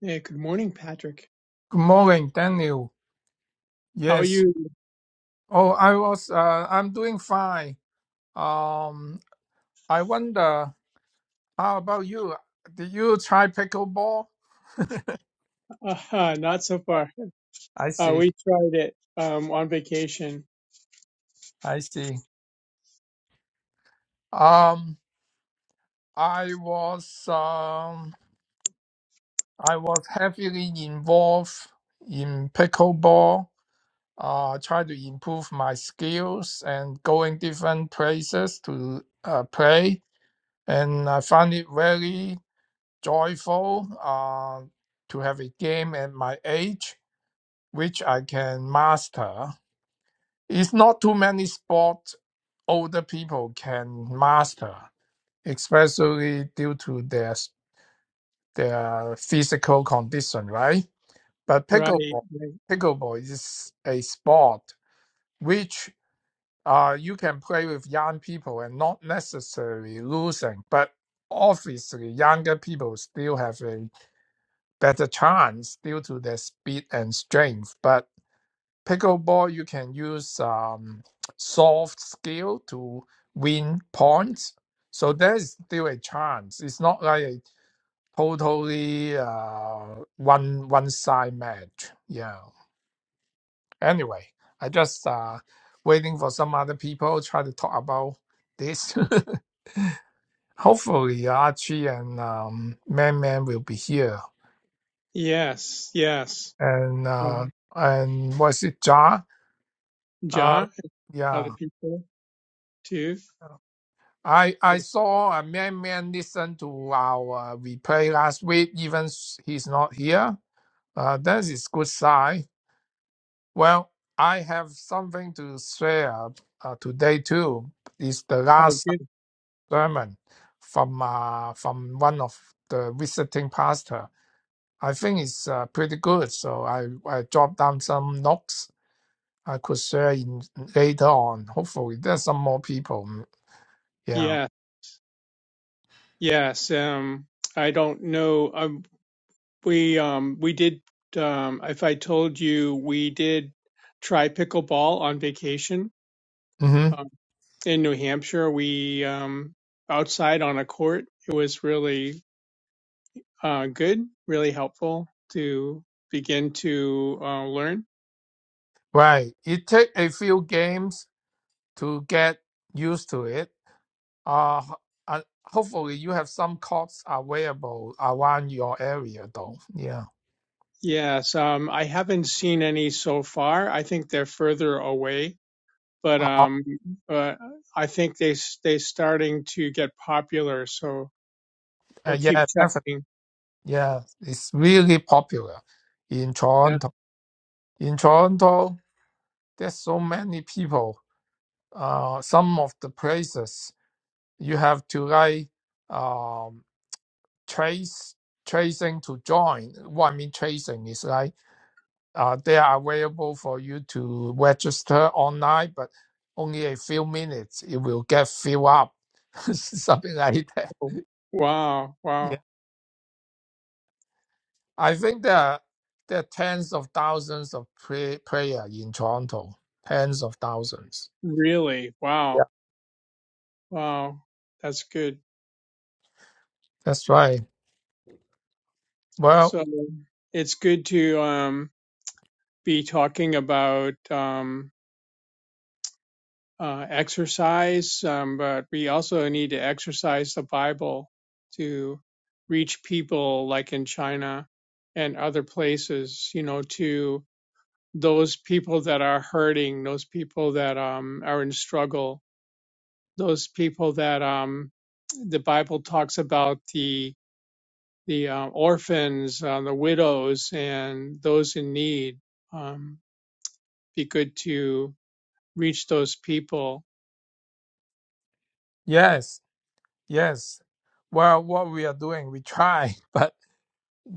Hey, good morning, Patrick. Good morning, Daniel. How are Yes. you? Oh, I was, uh, I'm doing fine. Um, I wonder, how about you? Did you try pickleball? Uh, not so far. I Uh, see. we tried it um, on vacation. I see. Um, I was, um, I was heavily involved in pickleball. Uh, try to improve my skills and going different places to uh, play. And I found it very joyful uh, to have a game at my age, which I can master. It's not too many sports older people can master, especially due to their their physical condition, right? But Right. pickleball, right. pickleball is a sport which uh, you can play with young people and not necessarily losing, but obviously younger people still have a better chance due to their speed and strength. But pickleball, you can use um, soft skill to win points. So there's still a chance. It's not like a totally uh, one one side match. Yeah. Anyway, I just uh, waiting for some other people try to talk about this. Hopefully, Archie and um, Man Man will be here. Yes, yes. And uh, Um, and was it Josh? Uh, Ja, yeah. other people too. I I saw a man man listen to our uh, replay last week. Even s- he's not here. Uh, that is good sign. Well, I have something to share uh, today too. It's the Oh, last good. sermon from uh, from one of the visiting pastor. I think it's uh, pretty good. So I I jot down some notes I could share in later on. Hopefully, there's some more people. mm, Yeah. Yeah, yes. Um, I don't know. Um, we um, we did. Um, if I told you, we did try pickleball on vacation Mm-hmm. um, in New Hampshire. We um, outside on a court. It was really uh, good, really helpful to begin to uh, learn. Right. It take a few games to get used to it. Uh, ho- uh, hopefully you have some courts available around your area though. Yeah. Yes, um, I haven't seen any so far. I think they're further away, but Uh, um, but I think they s- they starting to get popular. So uh, we'll keep yeah, definitely. checking. Yeah, it's really popular in Yeah. Toronto. In Toronto, there's so many people. Uh, some of the places you have to like um, trace tracing to join. What I mean tracing is like Uh, they are available for you to register online, but only a few minutes. It will get filled up, something like that. Wow! Yeah. Wow! I think there are, there are tens of thousands of pray, prayer in Toronto. Tens of thousands. Really? Yeah. Wow! Wow! That's good. That's right. Well, So it's good to um, be talking about. Um, uh, exercise, um, but we also need to exercise the Bible to reach people like in China and other places, you know, to those people that are hurting, those people that um, are in struggle, those people that um, the Bible talks about the the uh, orphans, uh, the widows, and those in need. Um, be good to reach those people yes, yes. Well, what we are doing, we try, but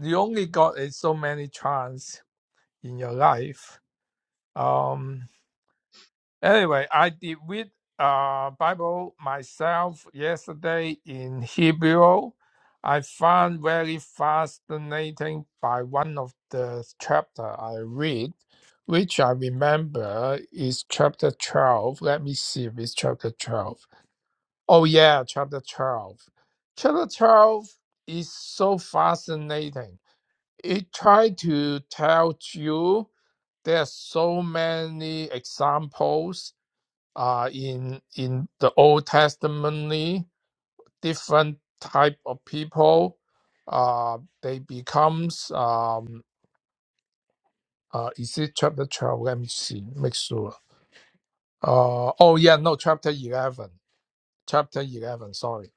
you only got a so many chance in your life. Um, Anyway, I did read uh Bible myself yesterday in Hebrew. I found very fascinating by one of the chapter I read, which I remember is chapter twelve. Let me see if it's chapter twelve. Oh yeah, chapter twelve. Chapter twelve is so fascinating. It tried to tell you there are so many examples uh, in in the Old Testament, different type of people, uh, they becomes um, uh, is it chapter twelve? Let me see, make sure. Uh, oh yeah, no, chapter eleven, chapter eleven. Sorry,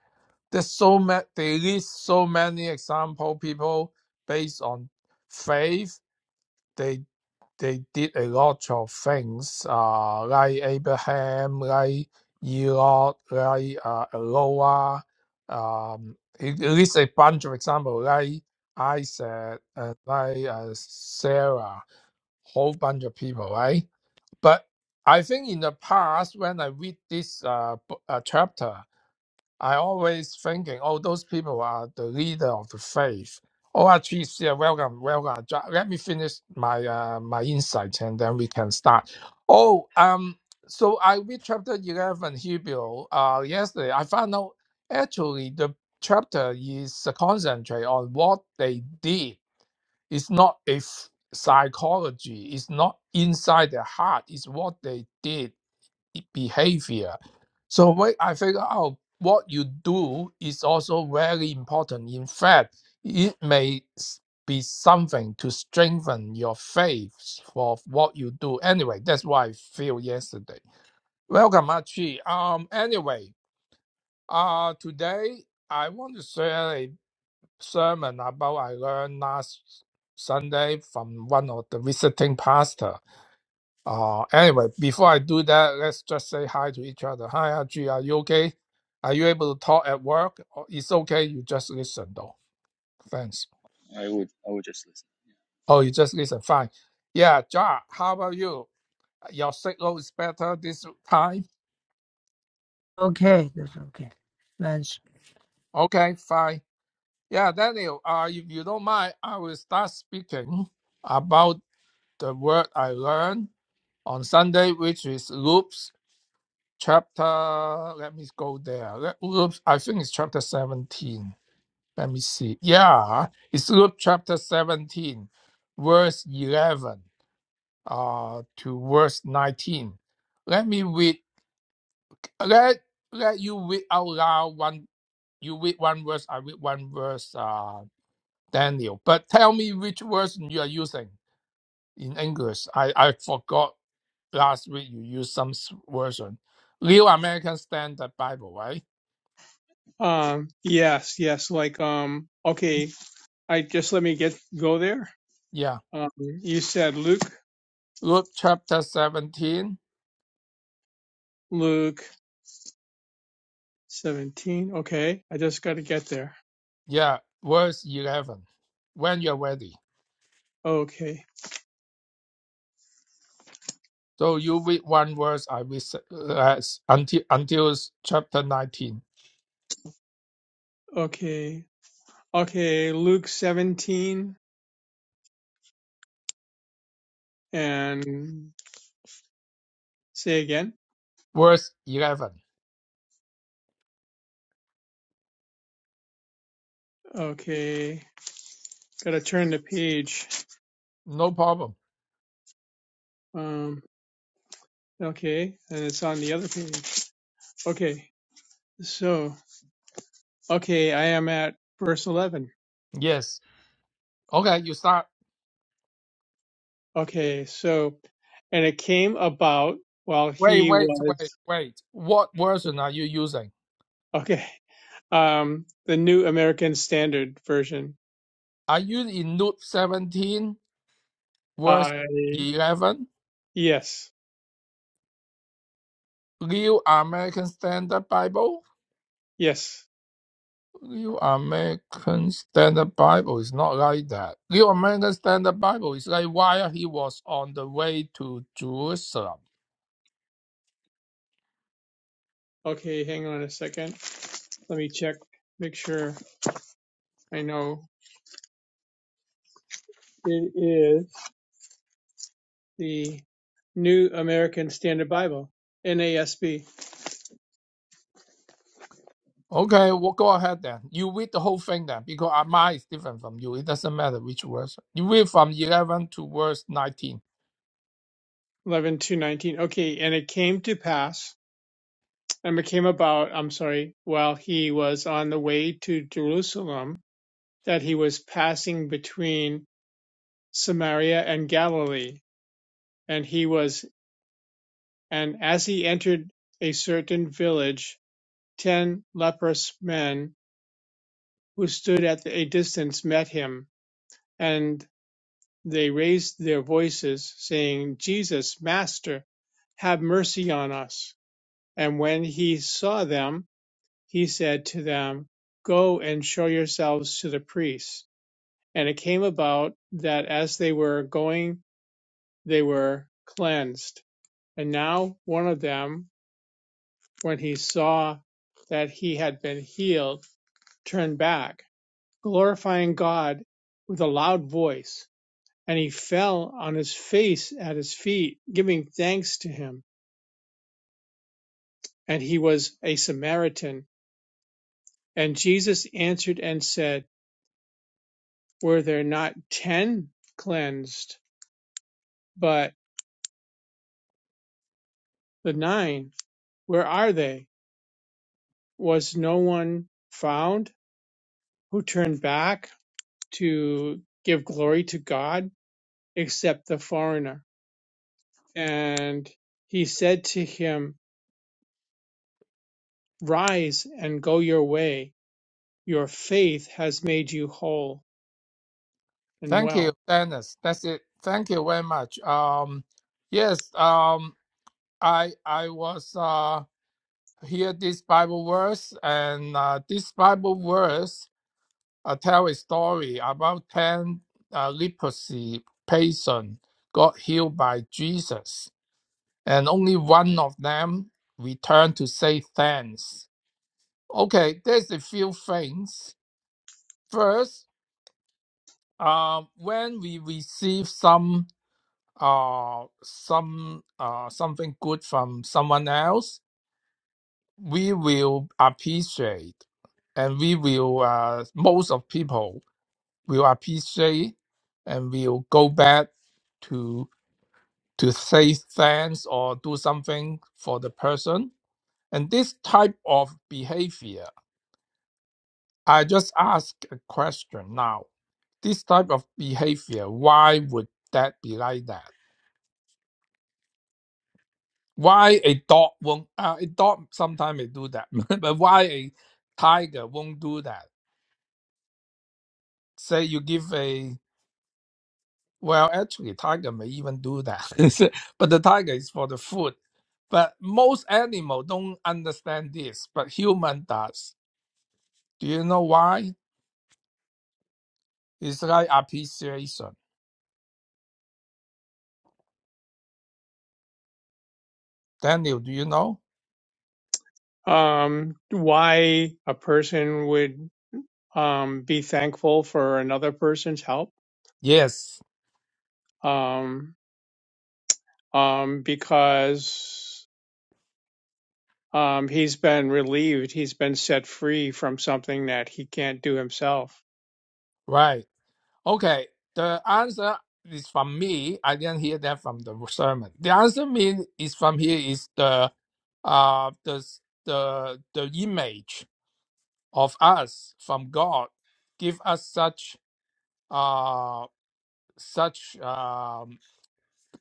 there's so many. They list so many example people based on faith. They. they did a lot of things, uh, like Abraham, like Lot, like uh, Noah. Um, it, it is a bunch of examples, like Isaac, and like uh, Sarah, whole bunch of people, right? But I think in the past, when I read this uh, b- uh, chapter, I always thinking, oh, those people are the leader of the faith. Oh, actually, yeah, welcome, welcome. Ju- Let me finish my uh, my insight, and then we can start. Oh, um, so I read chapter eleven Hebrew uh, yesterday. I found out actually the chapter is a concentrate on what they did. It's not a f- psychology. It's not inside their heart. It's what they did behavior. So when I figure out what you do is also very important. In fact, it may s- be something to strengthen your faith for what you do. Anyway, that's what I feel yesterday. Welcome, Archie. Um, anyway, uh, today I want to share a sermon about I learned last Sunday from one of the visiting pastors. Uh, anyway, before I do that, let's just say hi to each other. Hi, Ajay, are you okay? Are you able to talk at work? Or It's okay, you just listen though. Thanks. I would I would just listen. Oh, you just listen. Fine. Yeah, Ja, how about you? Your signal is better this time? Okay, that's okay. Thanks. Okay, fine. Yeah, Daniel, uh, if you don't mind, I will start speaking about the word I learned on Sunday, which is loops chapter. Let me go there. Loops, I think it's chapter 17 Let me see. Yeah, it's Luke chapter 17, verse 11 uh, to verse 19. Let me read. Let, let you read out loud one. You read one verse, I read one verse, uh, Daniel. But tell me which version you are using in English. I, I forgot last week you used some s- version. Real American Standard Bible, right? Um, yes, yes. Like, um, okay, I just let me get go there. Yeah. Um, you said Luke, Luke chapter 17, Luke 17. Okay, I just got to get there. yeah, verse 11. When you're ready. Okay, So you read one verse, I read se- uh, until until chapter nineteen, okay, okay. Luke 17 and say again. verse eleven. Okay, got to turn the page. No problem. Um, okay, and it's on the other page. Okay, so, okay, I am at verse 11. Yes. Okay, you start. Okay, so and it came about while Wait, he wait, wait, was wait. What version are you using? okay. Um, the New American Standard Version. Are you in Luke seventeen, verse I eleven, yes, New American Standard Bible? yes. New American Standard Bible is not like that. New American Standard Bible is like while he was on the way to Jerusalem. Okay, hang on a second. Let me check, make sure I know. It is the New American Standard Bible, NASB, Okay, well, go ahead then. You read the whole thing then, because uh, mine is different from you. It doesn't matter which verse. You read from 11 to verse 19. eleven to nineteen. Okay, and it came to pass, and it came about. I'm sorry, while he was on the way to Jerusalem that he was passing between Samaria and Galilee. And he was, and as he entered a certain village, ten leprous men who stood at a distance met him, and they raised their voices, saying, Jesus, Master, have mercy on us. And when he saw them, he said to them, Go and show yourselves to the priests. And it came about that as they were going they were cleansed. And now one of them, when he saw that he had been healed, turned back, glorifying God with a loud voice. And he fell on his face at his feet, giving thanks to him. And he was a Samaritan. And Jesus answered and said, Were there not ten cleansed, but the nine? Where are they? Was no one found who turned back? to give glory to God except the foreigner. And he said to him, Rise and go your way. Your faith has made you whole and Thank you, well. Dennis. That's it. Thank you very much. Um, yes, um, I I was uh hear this Bible verse, and uh, this Bible verse uh, tell a story about ten uh, leprosy patient got healed by Jesus, and only one of them returned to say thanks Okay, there's a few things. First, uh, when we receive some uh some uh something good from someone else, we will appreciate, and we will uh most of people will appreciate, and will go back to to say thanks or do something for the person. And this type of behavior I just ask a question now. This type of behavior, why would that be like that? Why a dog won't? Uh, a dog sometimes may do that, but why a tiger won't do that? Say you give a well, actually, tiger may even do that, but the tiger is for the food. But most animal don't understand this, but human does. Do you know why? It's like appreciation. Daniel, do you know? Um, why a person would um, be thankful for another person's help? Yes, Um, um, because um, he's been relieved, he's been set free from something that he can't do himself. right. Okay, the answer is from me. I didn't hear that from the sermon. The answer mean is from here is the uh the the the image of us from God give us such uh such um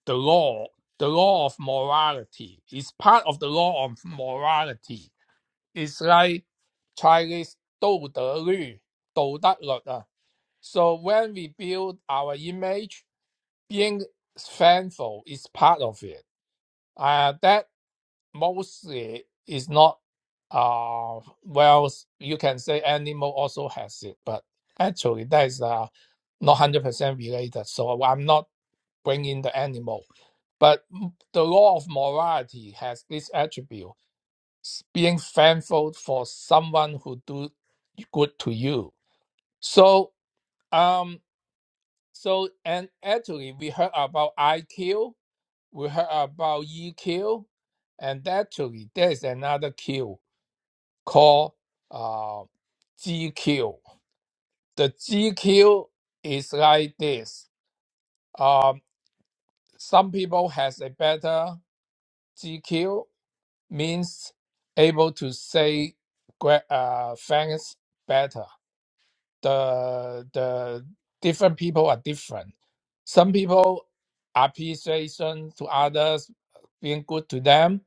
the law the law of morality is part of the law of morality. It's like Chinese 道德律,道德律, uh, So when we build our image being thankful is part of it. Uh, that mostly is not, uh, well, you can say animal also has it, but actually that is uh, not 100% related. So I'm not bringing the animal. But m- the law of morality has this attribute s- being thankful for someone who do good to you. So, um, so and actually we heard about IQ We heard about EQ, and actually there's another Q called uh, GQ. The GQ is like this. Um, some people has a better GQ means able to say gra- uh, things better. The the different people are different. Some people appreciation to others being good to them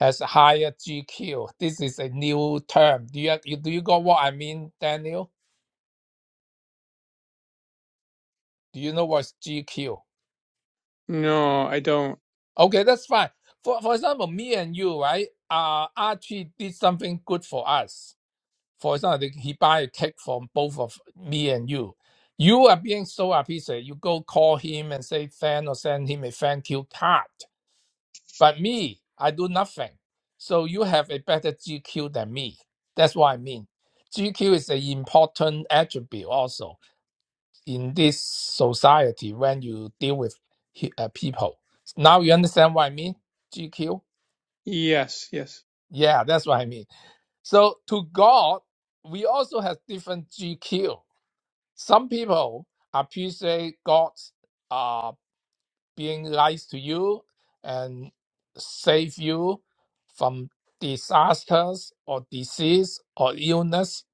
as higher GQ. This is a new term. Do you, you do you got what I mean, Daniel? Do you know what's GQ? No, I don't. Okay, that's fine. For for example, me and you, right? Uh, Archie did something good for us. For example, he buy a cake for both of me and you. You are being so appreciated. You go call him and say thank or send him a thank you card. But me, I do nothing. So you have a better GQ than me. That's what I mean. GQ is an important attribute also in this society when you deal with he- uh, people. Now you understand what I mean? GQ? Yes, yes. Yeah, that's what I mean. So to God, we also have different GQ. Some people appreciate God's uh, being nice to you and save you from disasters or disease or illness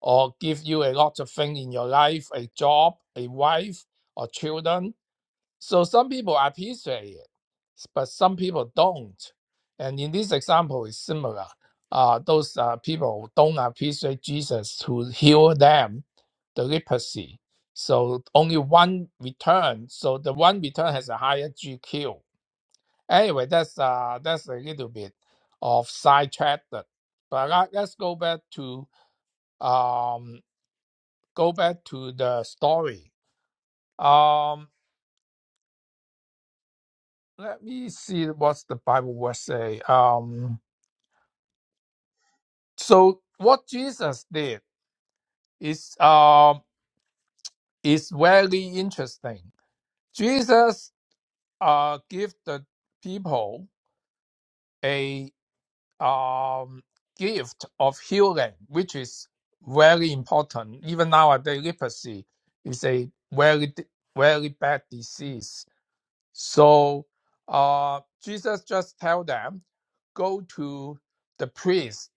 or give you a lot of things in your life a job a wife or children so some people appreciate it, but some people don't. And in this example, is similar. Uh, those uh, people don't appreciate Jesus to heal them the leprosy. So only one return. So the one return has a higher GQ. Anyway, that's uh, that's a little bit of sidetracked. But let, let's go back to um, go back to the story. Um, Let me see what the Bible will say. Um, so what Jesus did is um is very interesting. Jesus uh give the people a um gift of healing, which is very important. Even nowadays, leprosy is a very very bad disease. So uh Jesus just tell them, go to the priest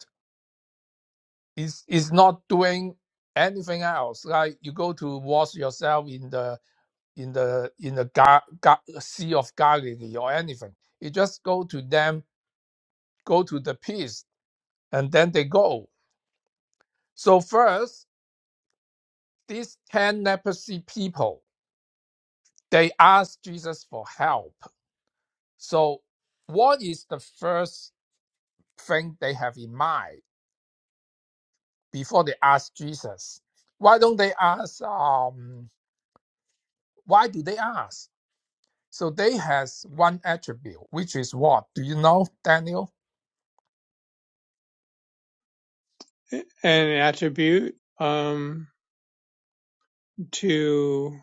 is is not doing anything else. Like you go to wash yourself in the in the in the gar, gar, sea of Galilee or anything. You just go to them, go to the peace, and then they go. So first, these ten leprosy people they ask Jesus for help. So what is the first thing they have in mind before they ask Jesus? Why don't they ask? Um, why do they ask? So they has one attribute, which is what? Do you know, Daniel? an attribute um, to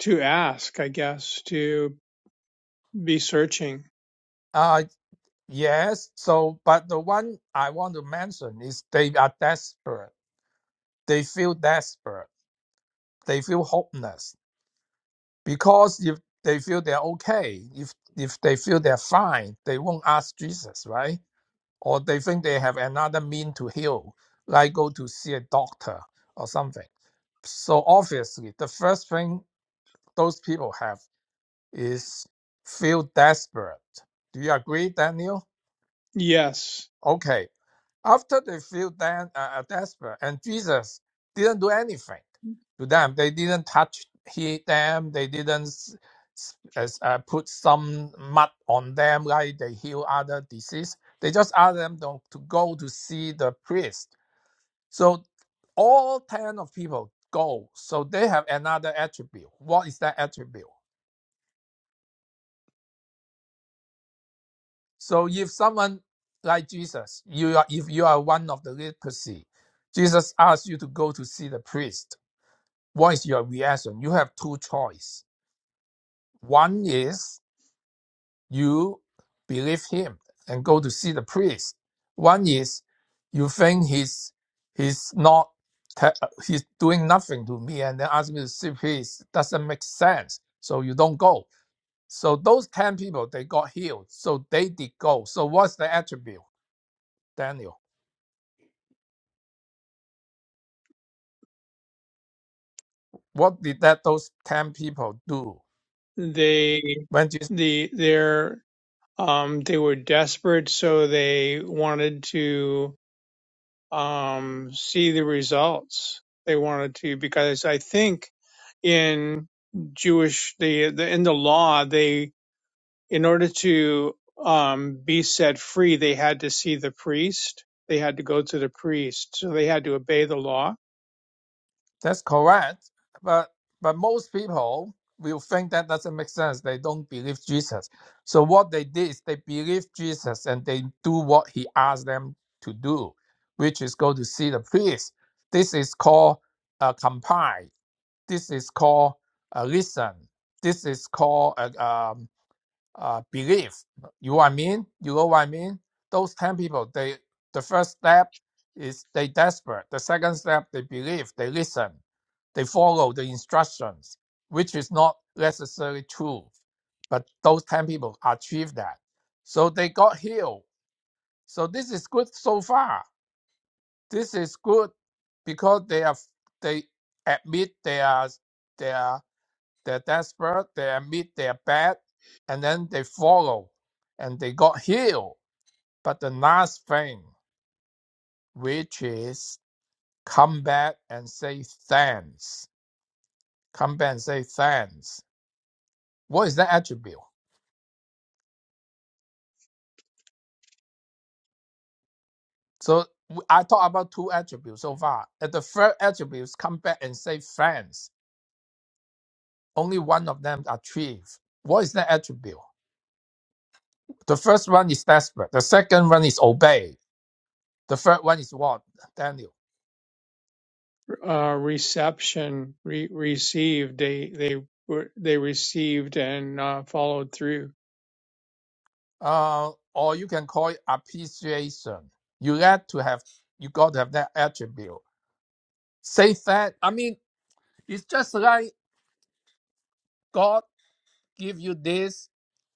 to ask, I guess, to be searching. Uh yes. So but the one I want to mention is they are desperate. They feel desperate. They feel hopeless. Because if they feel they're okay, if if they feel they're fine, they won't ask Jesus, right? Or they think they have another mean to heal, like go to see a doctor or something. So obviously the first thing those people have is feel desperate. Do you agree, Daniel? Yes, Okay. After they feel dan- uh, uh, desperate, and Jesus didn't do anything to them. They didn't touch he, them. They didn't s- s- as, uh, put some mud on them like they heal other disease. They just asked them to, to go to see the priest. So all 10 of people go. So they have another attribute. What is that attribute? So if someone like Jesus, you are if you are one of the leprosy, Jesus asks you to go to see the priest. What is your reaction? You have two choice. One is you believe him and go to see the priest. One is you think he's he's not he's doing nothing to me and then ask me to see the priest doesn't make sense. So you don't go. So those ten people they got healed. So they did go. So what's the attribute, Daniel? What did that those ten people do? they When Jesus, the their um, they were desperate, so they wanted to um, see the results. They wanted to because I think in Jewish the, the in the law they in order to um, be set free, they had to see the priest. They had to go to the priest. So they had to obey the law. that's correct, but but most people will think that doesn't make sense. They don't believe Jesus. So what they did is they believed Jesus and they do what he asked them to do, which is go to see the priest. This is called uh, comply. This is called uh, listen. This is called uh, um, uh, belief. You know what I mean? You know what I mean? Those ten people, they the first step is they desperate. The second step, they believe, they listen, they follow the instructions, which is not necessarily true. But those ten people achieved that, so they got healed. So this is good so far. This is good because they have they admit their their they're desperate, they admit they're bad, and then they follow and they got healed. But the last thing, which is come back and say thanks. Come back and say thanks. What is that attribute? So w- I talked about two attributes so far. At the first attribute is come back and say thanks. Only one of them achieved. What is that attribute? The first one is desperate. The second one is obey. The third one is what? Daniel? Uh, reception, re- received. They they were they received and uh, followed through. uh, or you can call it appreciation. You got to have you got to have that attribute. Say that. I mean, it's just like God give you this,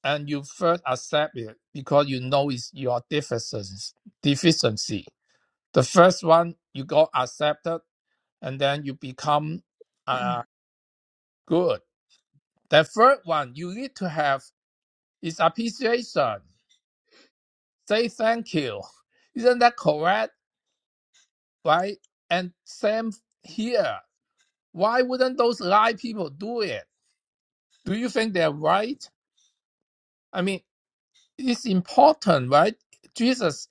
and you first accept it because you know it's your deficiency. Deficiency. The first one you got accepted, and then you become uh good. The third one you need to have is appreciation. Say thank you. Isn't that correct? right? And same here. Why wouldn't those lie people do it? Do you think they're right? I mean, it's important, right? Jesus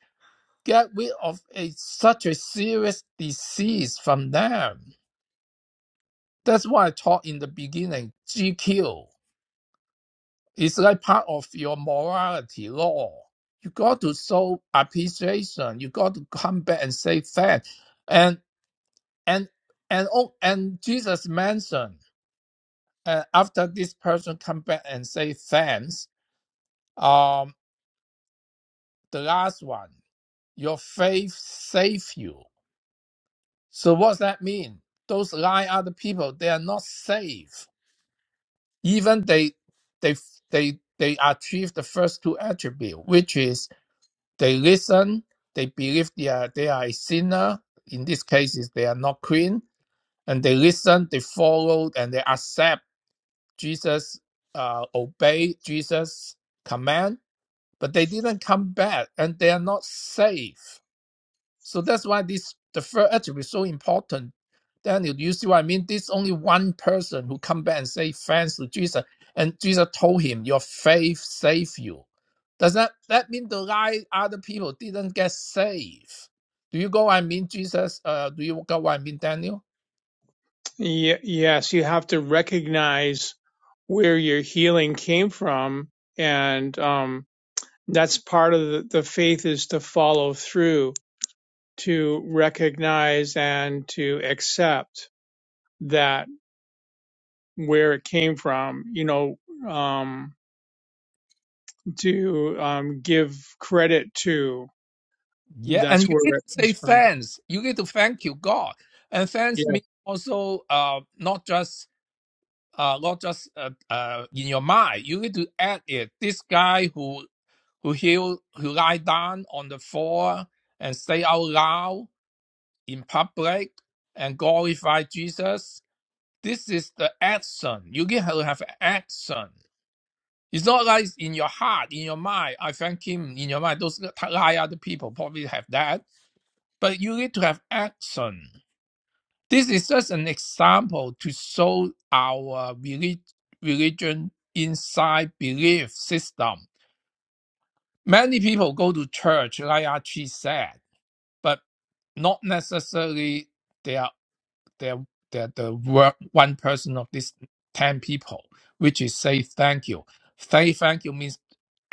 get rid of a such a serious disease from them. That's why I taught in the beginning. GQ is like part of your morality law. You got to show appreciation. You got to come back and say thanks. And and and oh, and Jesus mentioned. and after this person come back and say thanks um the last one your faith save you so what's that mean those lying other people they are not safe even they they they they achieve the first two attribute which is they listen they believe they are they are a sinner in this case is they are not clean and they listen they follow and they accept jesus uh, obey jesus command but they didn't come back and they are not safe. So that's why this the first attribute is so important. Daniel, do you see what I mean? This only one person who come back and say thanks to Jesus, and Jesus told him, Your faith saved you. Does that that mean the right other people didn't get saved? Do you go? what I mean, Jesus. Uh, do you go? what I mean, Daniel. Ye- yes, you have to recognize where your healing came from, and um, that's part of the, the faith is to follow through, to recognize and to accept that where it came from. You know, um, to um, give credit to Yeah, that's and you where need it to say comes from. thanks. You need to thank you, God, and Yeah. thanks means also uh, not just uh, not just uh, uh, in your mind. You need to add it. This guy who who heal, who lie down on the floor and say out loud in public and glorify Jesus. This is the action. You need to have action. It's not like in your heart, in your mind. I thank him in your mind. Those lie other people probably have that, but you need to have action. This is just an example to show our relig- religion inside belief system. Many people go to church, like Archie said, but not necessarily they are they are, they are the work, one person of these ten people, which is say thank you. Say thank you means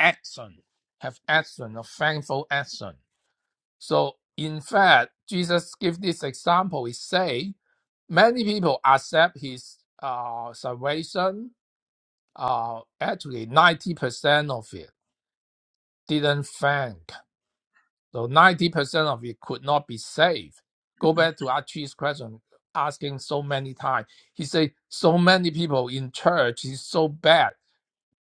action, have action, a thankful action. So in fact, Jesus give this example. He say many people accept his uh, salvation. Uh, actually, 90% of it didn't thank. So 90% of it could not be saved. Go back to Archie's question, asking so many times. He said, so many people in church is so bad.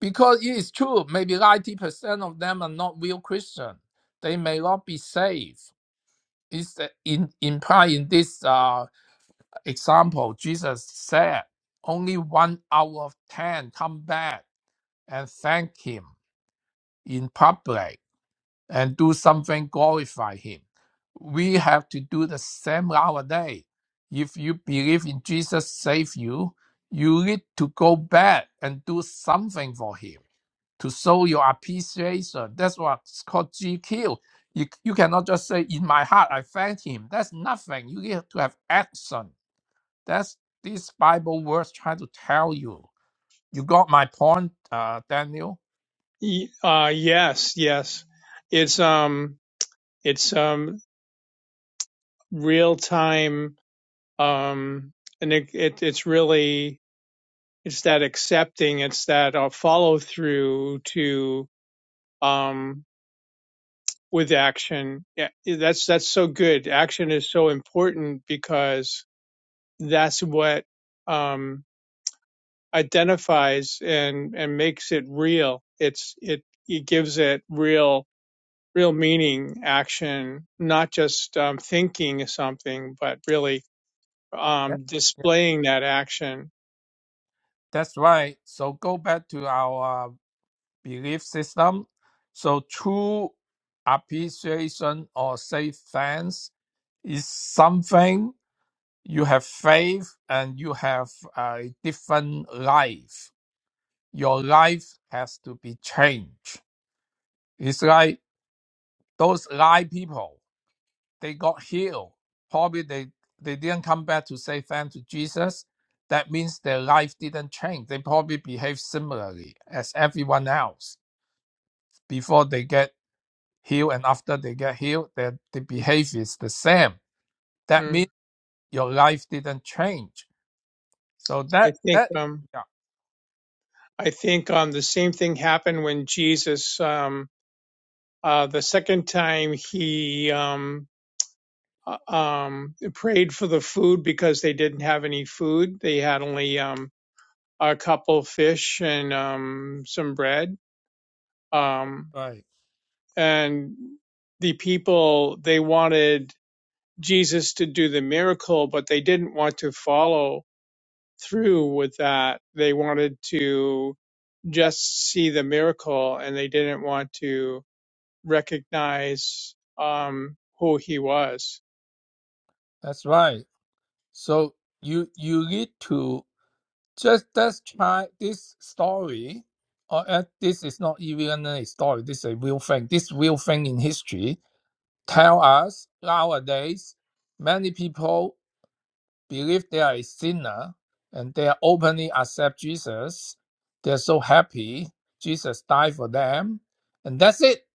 Because it is true, maybe 90% of them are not real Christian. They may not be saved. It's uh, in, implied in this uh? Example, Jesus said, only one out of ten come back and thank him in public and do something glorify him. We have to do the same nowadays. If you believe in Jesus save you, you need to go back and do something for him to show your appreciation. That's what's called GQ. You, you cannot just say, in my heart, I thank him. That's nothing. You need to have action that's these Bible words trying to tell you. You got my point, uh, Daniel. Y- Uh, yes, yes. It's um, it's um, real time um, and it, it it's really it's that accepting it's that uh, follow through to um with action yeah yeah, that's that's so good action is so important because that's what um identifies and and makes it real it's it it gives it real real meaning action not just um, thinking of something but really Yeah. um yeah. displaying that action That's right. So go back to our uh, belief system. So true appreciation or say thanks is something you have faith and you have a different life. Your life has to be changed. It's like those lie people. they got healed. Probably they, they didn't come back to say thanks to Jesus. That means their life didn't change. They probably behave similarly as everyone else before they get healed and after they get healed, their the behavior is the same. That Mm. means your life didn't change. So I that think that um, yeah, I think um, the same thing happened when Jesus um, uh, the second time he um, uh, um, prayed for the food because they didn't have any food. They had only um, a couple fish and um, some bread, um, right. and the people they wanted Jesus to do the miracle, but they didn't want to follow through with that. They wanted to just see the miracle and they didn't want to recognize um, who he was. That's right. So you you need to just let's try this story. Or uh, this is not even a story. This is a real thing. This real thing in history tell us nowadays many people believe they are a sinner and they are openly accept Jesus. They're so happy Jesus died for them, and that's it.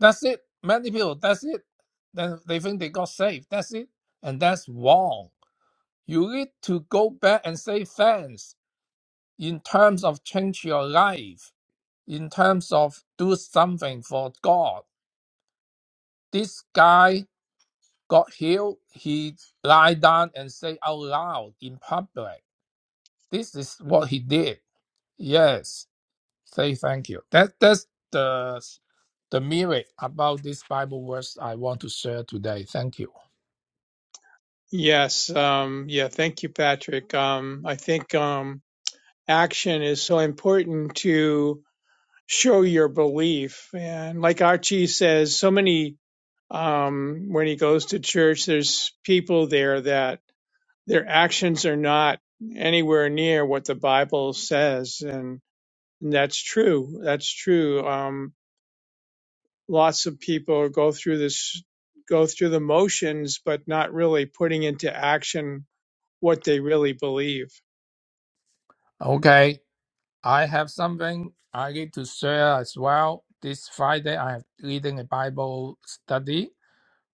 That's it. Many people. That's it. Then they think they got saved. That's it, and that's wrong. You need to go back and say thanks in terms of change your life, in terms of do something for God. This guy got healed. He lied down and said out loud in public. This is what he did. Yes. Say thank you. That that's the the merit about this Bible verse I want to share today. Thank you. Yes, um, yeah, thank you, Patrick. Um, I think um, action is so important to show your belief. And like Archie says, so many, um, when he goes to church, there's people there that their actions are not anywhere near what the Bible says. And and that's true. That's true. Um, lots of people go through this go through the motions but not really putting into action what they really believe Okay, I have something I need to share as well. This Friday, I am leading a Bible study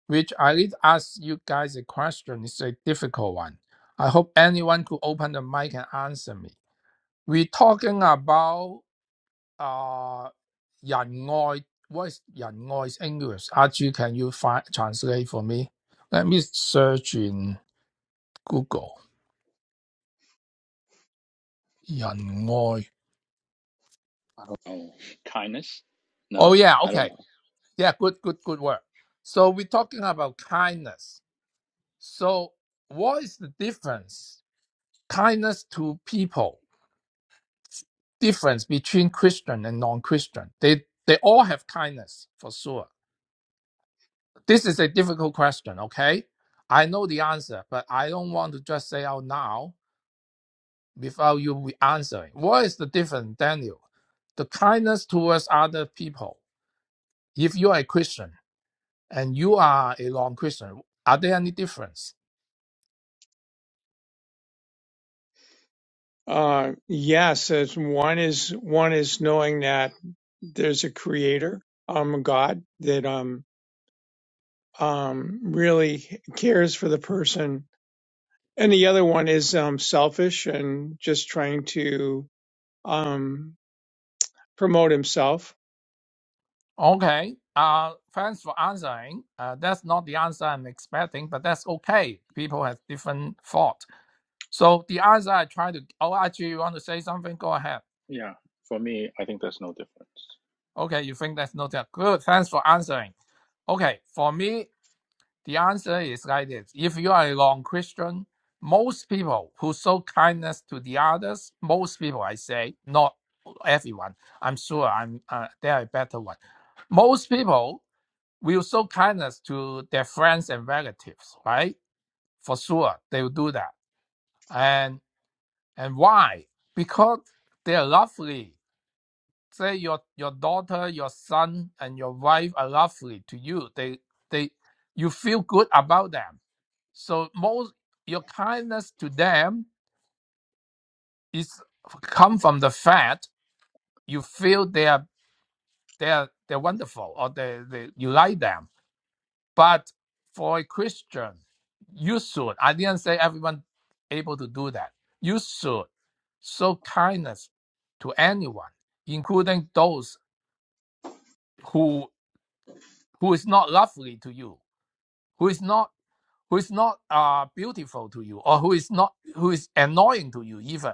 which I did ask you guys a question. It's a difficult one. I hope anyone could open the mic and answer me. We're talking about uh, 仁愛. What is 仁愛's English? Archie, can you find, translate for me? Let me search in Google. 仁愛. I don't know kindness? Oh, No, yeah, I don't okay. know. Yeah, good, good, good work. So we're talking about kindness. So what is the difference? Kindness to people difference between Christian and non-Christian. They they all have kindness for sure. This is a difficult question, okay? I know the answer, but I don't want to just say out now without you answering. What is the difference, Daniel? The kindness towards other people. If you are a Christian, and you are a non-Christian. Are there any difference? uh yes as one is one is knowing that there's a creator um god that um um really cares for the person and the other one is um selfish and just trying to um promote himself Okay. Uh, thanks for answering. Uh, that's not the answer I'm expecting, but that's okay. People have different thought. So the answer I try to. Oh, actually, you want to say something? Go ahead. Yeah, for me, I think there's no difference. Okay, you think that's not that good. Thanks for answering. Okay, for me, the answer is like this. If you are a non-Christian, most people who show kindness to the others, most people I say, not everyone. I'm sure I'm uh, there are better one. Most people will show kindness to their friends and relatives, right? For sure, they will do that. And and why? Because they are lovely say your your daughter, your son, and your wife are lovely to you. They they you feel good about them. So most your kindness to them is come from the fact you feel they are they are they're wonderful or they, they you like them. But for a Christian, you should. I didn't say everyone able to do that. You should show kindness to anyone, including those who who is not lovely to you who is not who is not uh, beautiful to you or who is not who is annoying to you even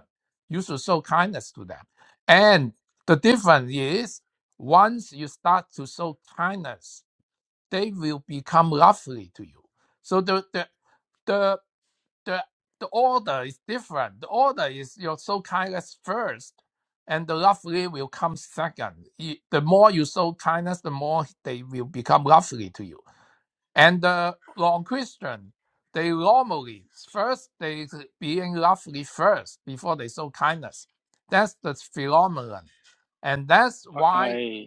you should show kindness to them and the difference is once you start to show kindness they will become lovely to you so the the the the, the order is different the order is you show kindness first and the lovely will come second. You- The more you show kindness, the more they will become lovely to you and uh, long Christian, they normally first they being lovely first before they show kindness. That's the phenomenon, and that's I, why, I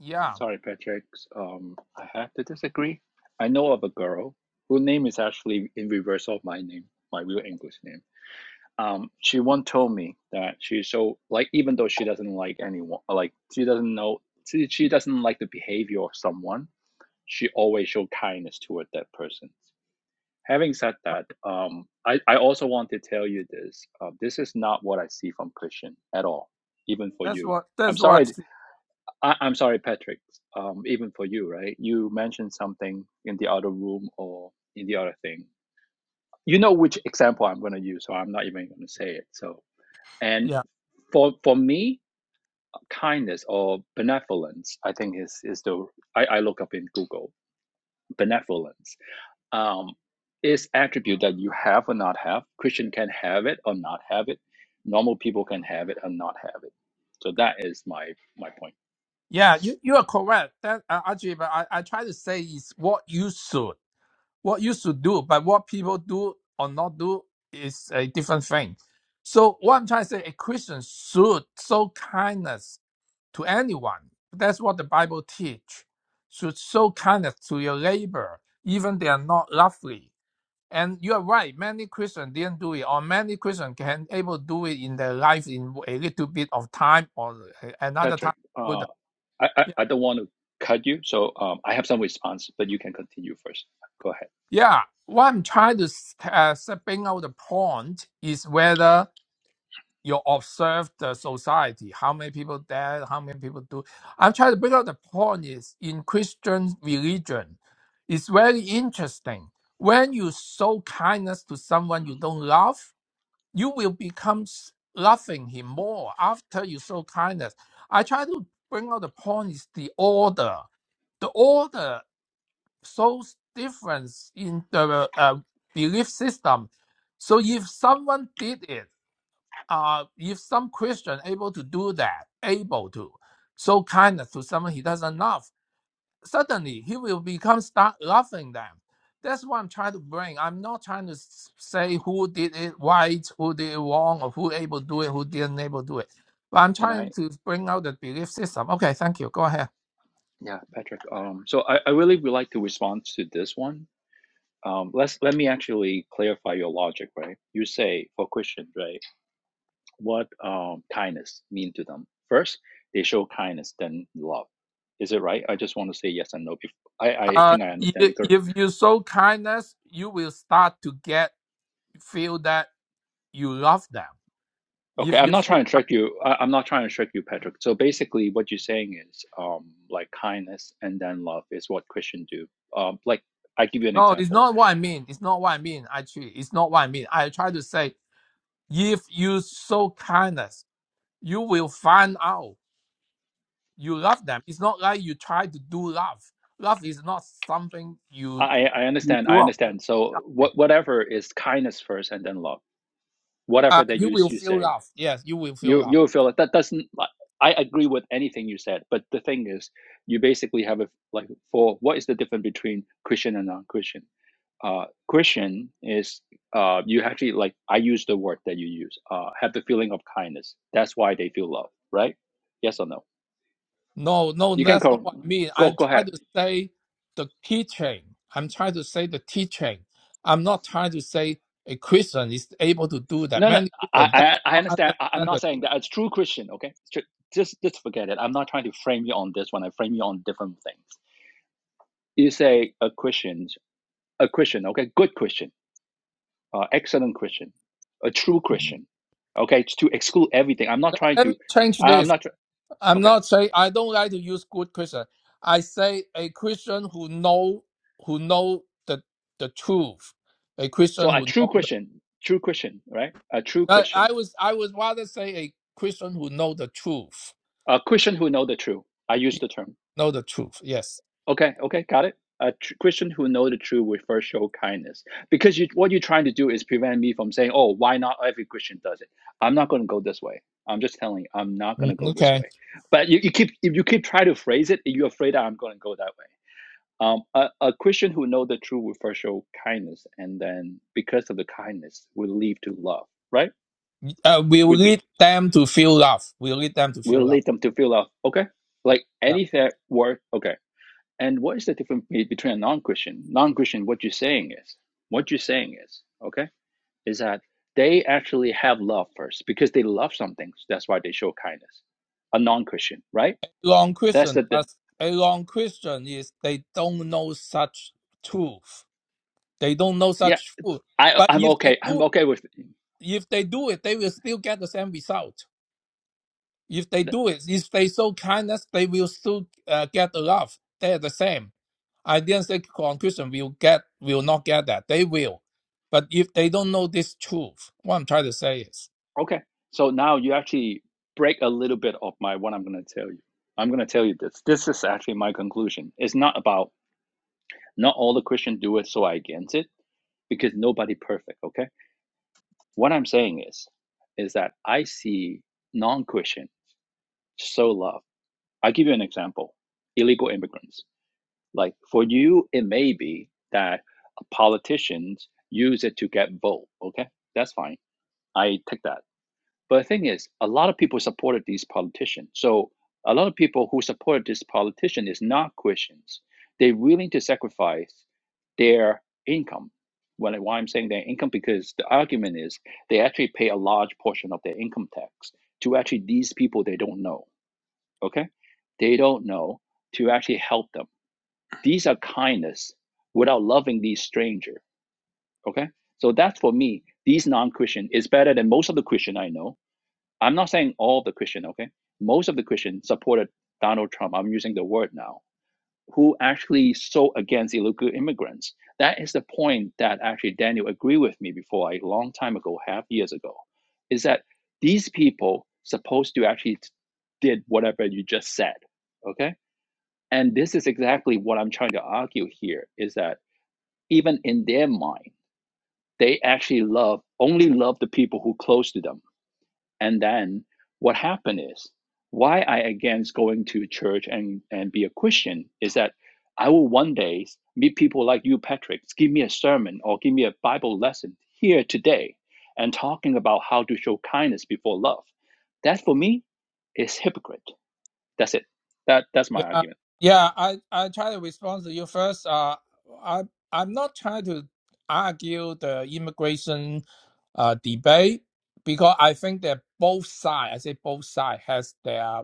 yeah, sorry, Patrick. Um, I have to disagree. I know of a girl whose name is actually in reverse of my name, my real English name. Um, she once told me that she's so like, even though she doesn't like anyone, like she doesn't know, she, she doesn't like the behavior of someone. She always show kindness toward that person. Having said that, um, I, I also want to tell you this. Uh, this is not what I see from Christian at all, even for that's you. what I'm that's what. sorry. I see. I, I'm sorry, Patrick. Um, even for you, right? You mentioned something in the other room or in the other thing. You know which example I'm going to use, so I'm not even going to say it. So, and Yeah, for for me, kindness or benevolence, I think is is the I, I look up in Google benevolence um, is attribute that you have or not have. Christian can have it or not have it. Normal people can have it or not have it. So that is my my point. yeah, you you are correct. That uh, actually, but I I try to say is what you should what you should do, but what people do or not do is a different thing. So what I'm trying to say, a Christian should show kindness to anyone. That's what the Bible teach. Should show kindness to your neighbor, even they are not lovely. And you are right. Many Christians didn't do it, or many Christians can able to do it in their life in a little bit of time or another time. Patrick, uh, I, I Yeah, I don't want to cut you, so um, I have some response, but you can continue first. Go ahead. yeah. What I'm trying to uh, bring out the point is whether you observe the society, how many people dead, how many people do. I'm trying to bring out the point is in Christian religion, it's very interesting. When you show kindness to someone you don't love, you will become s- loving him more after you show kindness. I try to bring out the point is the order. The order shows difference in the uh, belief system. So if someone did it, uh, if some Christian able to do that, able to show kindness to someone he doesn't love, suddenly he will become start loving them. That's what I'm trying to bring. I'm not trying to s- say who did it right, who did it wrong, or who able to do it, who didn't able to do it. But I'm Can trying I? to bring out the belief system. Okay, thank you. Go ahead. Yeah, Patrick. Um, so I, I really would like to respond to this one. Um, let's let me actually clarify your logic, right? You say for Christians, right? what um, kindness mean to them. First, they show kindness, then love. Is it right? I just want to say yes and no. Before. I, I Uh, think I i- understand it. if you show kindness, you will start to get feel that you love them. Okay, If I'm you not show trying to trick you. I, I'm not trying to trick you, Patrick. So basically, what you're saying is um, like kindness and then love is what Christians do. Um, like I give you an No, it's example. not what I mean. It's not what I mean, actually. It's not what I mean. I try to say, if you show kindness, you will find out you love them. It's not like you try to do love. Love is not something you I, I I you understand. do. I on- understand. So what, whatever is kindness first and then love. Uh, Whatever that you you will you feel say. love. Yes, you will feel You love. you feel like that doesn't. like, I agree with anything you said, but the thing is, you basically have a like for what is the difference between Christian and non-Christian? Uh, Christian is uh, you actually like I use the word that you use. Uh, have the feeling of kindness. That's why they feel love, right? Yes or no? No, no, You can that's not what I go mean. I go am go trying ahead. to say the teaching. I'm trying to say the teaching. I'm not trying to say a Christian is able to do that. No, no, Many Christians do I I, I not understand. I, I'm understand not the saying that it's true Christian. Okay, Tr- just just forget it. I'm not trying to frame you on this one. I frame you on different things. You say a Christian. a Christian, okay, good Christian, uh, excellent Christian, a true teaching. Christian, okay, to exclude everything. I'm not Let, trying let me to, change I- I'm this. not, tr- I'm okay. not saying I don't like to use good Christian. I say a Christian who know who know the the truth. A Christian So a who true know the, Christian, true Christian, right? A true I, Christian, I was I would rather say a Christian who know the truth. a Christian who know the truth. I use Yeah, the term. know the truth. Yes. Okay, okay, got it. A tr- Christian who know the truth will first show kindness because you, what you're trying to do is prevent me from saying, oh, why not every Christian does it? I'm not going to go this way. I'm just telling you, I'm not going to Mm, go this okay. way. But you, you keep if you keep trying to phrase it, you're afraid that I'm going to go that way Um, a, a Christian who know the truth will first show kindness, and then because of the kindness, will lead to love. Right? Uh, we will We do. lead them to feel love. We lead them to will feel love. lead them to feel love. Okay, like Yeah. anything work. Okay, and what is the difference be- between a non-Christian? Non-Christian, what you're saying is, what you're saying is, okay, is that they actually have love first because they love something. That's why they show kindness. A non-Christian, right? Wrong That's Christian. the, the As a wrong Christian is they don't know such truth. They don't know yeah. such truth. I But I'm if they okay. do I'm okay with. it. if they do it, they will still get the same result. If they do it, if they show kindness, they will still uh, get the love. They are the same. I didn't say Christian will get will not get that. They will, but if they don't know this truth, what I'm trying to say is, Okay. So now you actually break a little bit of my what I'm going to tell you. I'm going to tell you this. This is actually my conclusion. It's not about not all the Christians do it, so I against it because nobody perfect. Okay. What I'm saying is, is that I see non-Christian so love. I give you an example: illegal immigrants. Like for you, it may be that politicians use it to get vote. Okay, that's fine. I take that. But the thing is, a lot of people supported these politicians. So a lot of people who supported this politician is not Christians. They're willing to sacrifice their income. When, why I'm saying their income, because the argument is they actually pay a large portion of their income tax to actually these people they don't know. Okay? They don't know to actually help them. These are kindness without loving these stranger. Okay? So that's for me, these non-Christian is better than most of the Christian I know I'm not saying all the Christian, okay? Most of the Christian supported Donald Trump. I'm using the word now. Who actually so against illegal immigrants? That is the point that actually Daniel agreed with me before a long time ago, half years ago, is that these people supposed to actually did whatever you just said, okay? And this is exactly what I'm trying to argue here: is that even in their mind, they actually love only love the people who close to them and then what happened is why I against going to church and, and be a Christian is that I will one day meet people like you, Patrick, give me a sermon or give me a Bible lesson here today and talking about how to show kindness before love. That for me is hypocrite. That's it. That that's my yeah, argument. yeah. I I try to respond to you first. Uh, I I'm not trying to argue the immigration uh debate because I think that both sides, I say both sides, has their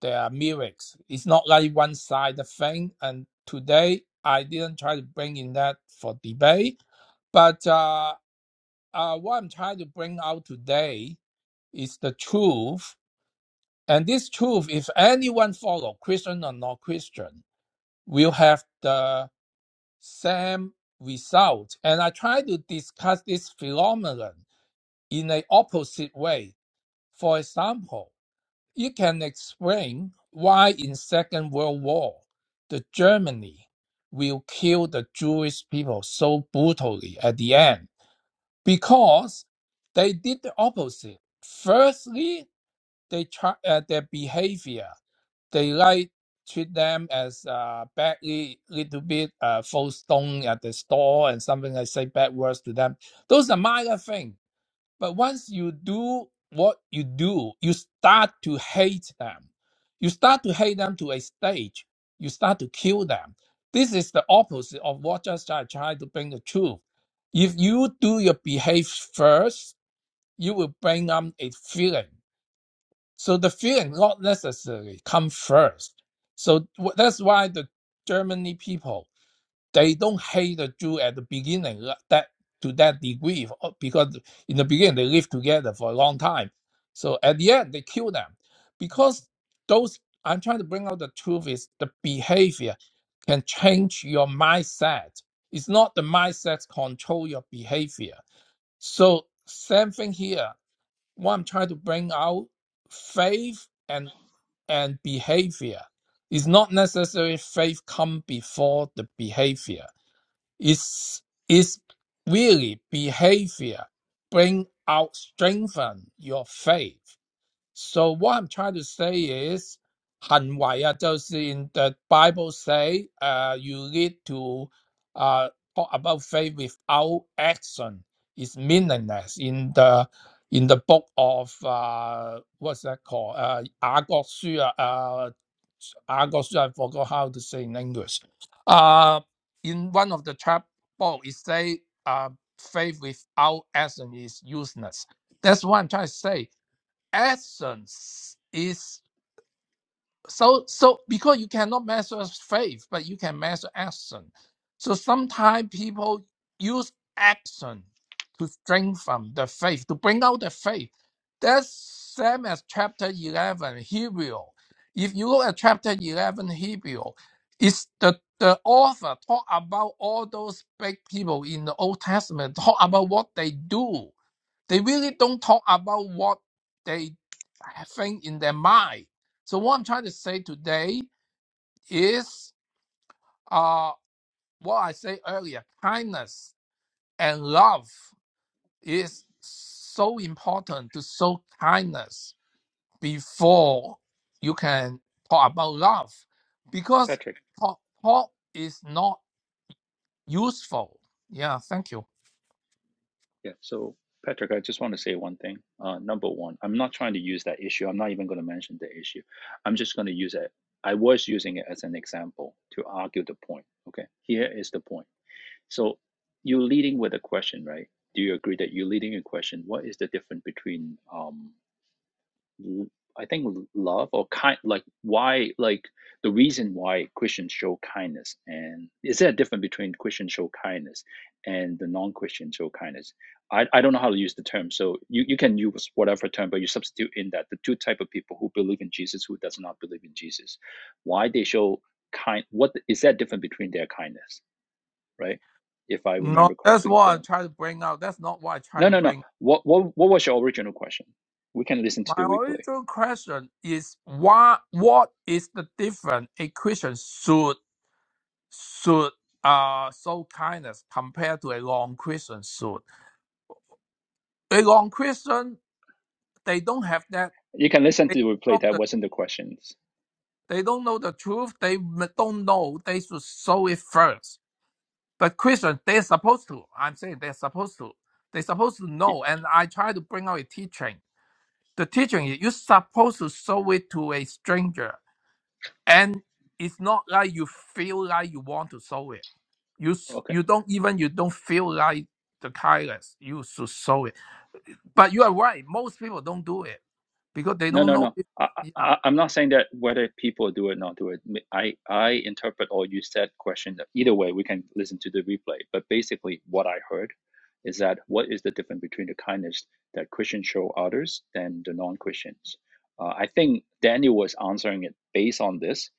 There are miracles. It's not like one side thing. And today I didn't try to bring in that for debate, but uh, uh, what I'm trying to bring out today is the truth. And this truth, if anyone follow, Christian or not Christian, will have the same result. And I try to discuss this phenomenon in an opposite way. For example, You can explain why in Second World War the Germany will kill the Jewish people so brutally at the end because they did the opposite. Firstly, they try, uh, their behavior they like treat them as uh, badly little bit uh, throw stone at the store and something I say bad words to them. Those are minor things but once you do what you do, you start to hate them. You start to hate them to a stage. You start to kill them. This is the opposite of what just I tried to bring the truth. If you do your behave first, you will bring up a feeling. So the feeling not necessarily come first. So wh- that's why the Germany people they don't hate the Jew at the beginning like that to that degree uh, because in the beginning they lived together for a long time. So at the end they kill them because those I'm trying to bring out the truth is the behavior can change your mindset. It's not the mindset control your behavior. So same thing here. What I'm trying to bring out faith and and behavior. It's not necessarily faith come before the behavior it's, it's really behavior bring out strengthen your faith. So what I'm trying to say is, 行为啊，就是 in the Bible say, uh, you need to uh, talk about faith without action. It's meaningless in the in the book of uh, what's that called? Uh, 雅各书啊，uh, 雅各书, I forgot how to say in English. Uh, in one of the chapter, book, it say, uh, faith without action is useless. That's what I'm trying to say essence is so so because you cannot measure faith, but you can measure action. So sometimes people use action to strengthen the faith, to bring out the faith. That's same as chapter eleven Hebrew. If you look at chapter eleven Hebrew, it's the the author talk about all those big people in the Old Testament, talk about what they do they really don't talk about what they think in their mind. So what I'm trying to say today is uh, what I said earlier: kindness and love is so important to show kindness before you can talk about love, because Patrick. talk, talk is not useful. Yeah, thank you. Yeah. So, Patrick, I just want to say one thing. Uh, number one, I'm not trying to use that issue. I'm not even going to mention the issue. I'm just going to use it. I was using it as an example to argue the point. Okay. Here is the point. So, you're leading with a question, right? Do you agree that you're leading a question? What is the difference between um, I think love or kind like why like the reason why Christians show kindness and is there a difference between Christians show kindness and the non christians show kindness? I, I don't know how to use the term, so you, you can use whatever term, but you substitute in that the two type of people who believe in Jesus who does not believe in Jesus, why they show kind what is that different between their kindness, right? If I No, remember that's correctly, what I then try to bring out. That's not what I try no to no no bring what what what was your original question? We can listen to My the replay. original question is why, what is the different equation should should uh show kindness compared to a long question should? A long question? they don't have that. You can listen They to the don't replay. know That the wasn't the questions. they don't know the truth. They m- don't know. They should show it first. But Christian, they're supposed to. I'm saying they're supposed to. They're supposed to Yeah, know. And I try to bring out a teaching. The teaching is you're supposed to show it to a stranger and it's not like you feel like you want to sow it you s- Okay. you don't even you don't feel like the kindness you should sow it but you are right most people don't do it because they No, don't no, know no. I, it. I, I'm not saying that whether people do it or not do it. I, I interpret or you said question. Either way, we can listen to the replay. But basically, what I heard is that what is the difference between the kindness that Christians show others than the non-Christians? Uh, I think Daniel was answering it based on this.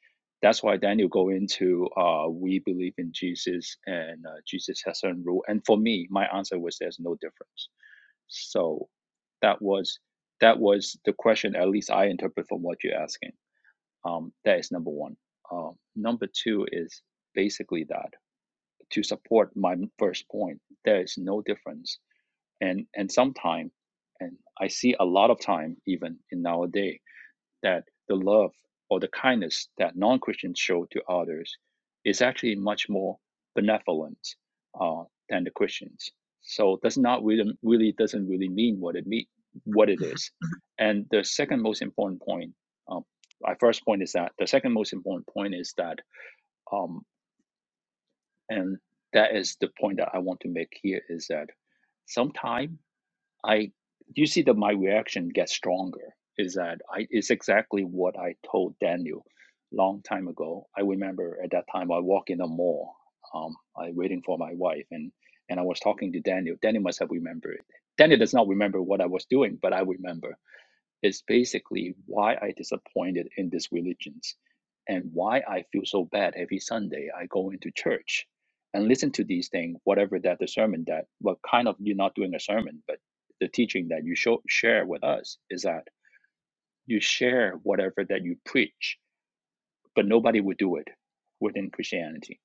That's why Daniel go into uh, we believe in Jesus and uh, Jesus has certain rule. And for me, my answer was there's no difference So that was that was the question. At least I interpret from what you're asking. Um, that is number one. Um, number two is basically that to support my first point. There is no difference, and and sometime, and I see a lot of time even in nowadays that the love or the kindness that non Christians show to others is actually much more benevolent uh, than the Christians. So that's not really, really doesn't really mean what it mean, what it is. And the second most important point, um, my first point is that the second most important point is that, um, and that is the point that I want to make here is that sometimes. I you see that my reaction gets stronger is that I it's exactly what I told Daniel long time ago. I remember at that time I walk in a mall, um, I waiting for my wife and and I was talking to Daniel. Daniel must have remembered. Daniel does not remember what I was doing, but I remember is basically why I disappointed in these religions and why I feel so bad every Sunday I go into church and listen to these things, whatever that the sermon that what kind of you're not doing a sermon, but the teaching that you show, share with us is that you share whatever that you preach, but nobody would do it within Christianity.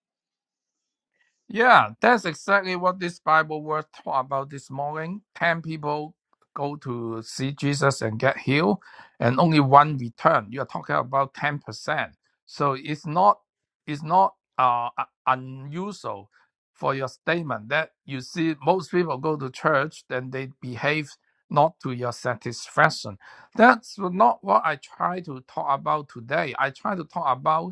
Yeah, that's exactly what this Bible was taught about this morning. Ten people go to see Jesus and get healed, and only one return. You are talking about ten percent. So it's not it's not uh, u- unusual for your statement that you see most people go to church then they behave not to your satisfaction. That's not what I try to talk about today. I try to talk about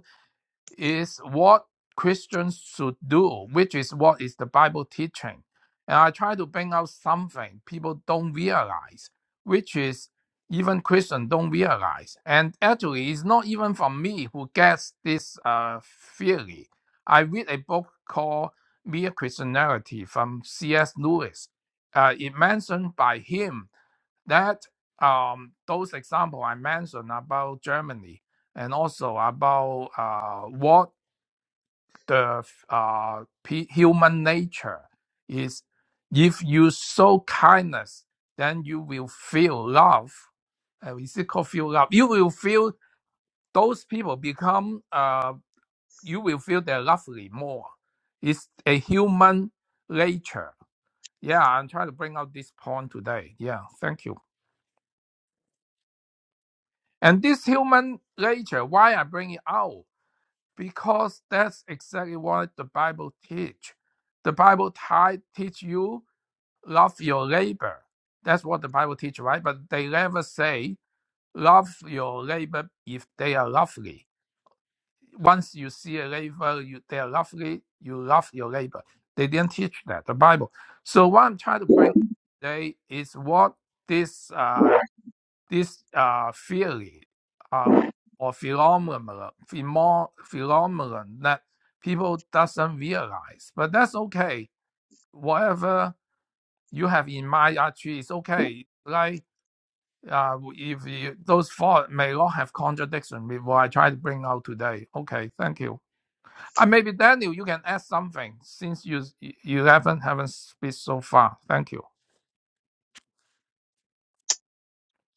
is what Christians should do, which is what is the Bible teaching. And I try to bring out something people don't realize, which is even Christians don't realize. And actually, it's not even from me who gets this uh, theory. I read a book called Mere Christianity from C.S. Lewis. Uh, it mentioned by him that um, those example I mentioned about Germany and also about uh, what the uh, p- human nature is. If you show kindness, then you will feel love. Uh, is it called feel love? You will feel those people become. Uh, you will feel they're lovely more. It's a human nature. Yeah, I'm trying to bring out this point today. Yeah, thank you. And this human nature, why I bring it out? Because that's exactly what the Bible teach. The Bible ti- teach you love your neighbor. That's what the Bible teach, right? But they never say love your neighbor if they are lovely. Once you see a neighbor, you, they are lovely, you love your neighbor. They didn't teach that, the Bible. So what I'm trying to bring today is what this uh, this uh, theory uh, or phenomenon, pheno- phenomenon that people doesn't realize, but that's okay. Whatever you have in mind actually is okay. Like uh, if you, those thoughts may not have contradiction with what I try to bring out today. Okay, thank you. Uh, maybe Daniel, you can add something since you you haven't haven't speak so far. Thank you,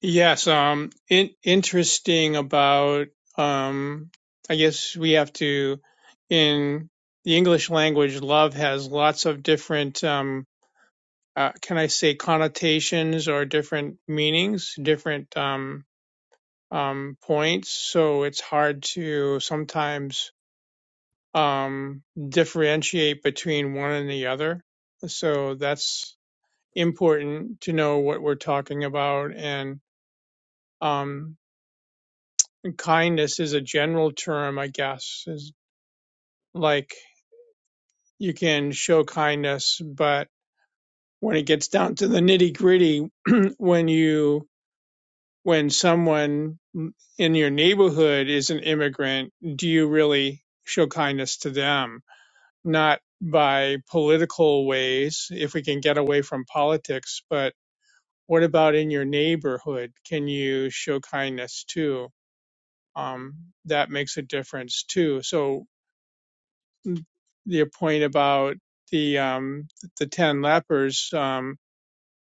Yes, um, in, interesting about, um, I guess we have to, in the English language, love has lots of different, um, uh, can I say connotations or different meanings, different, um, um, points. So it's hard to sometimes, um, differentiate between one and the other. So that's important to know what we're talking about and, um, kindness is a general term, I guess, is like you can show kindness, but when it gets down to the nitty gritty, when you, when someone in your neighborhood is an immigrant, do you really show kindness to them? Not by political ways, if we can get away from politics, but what about in your neighborhood? Can you show kindness too? Um, that makes a difference too. So your point about the um, the ten lepers. Um,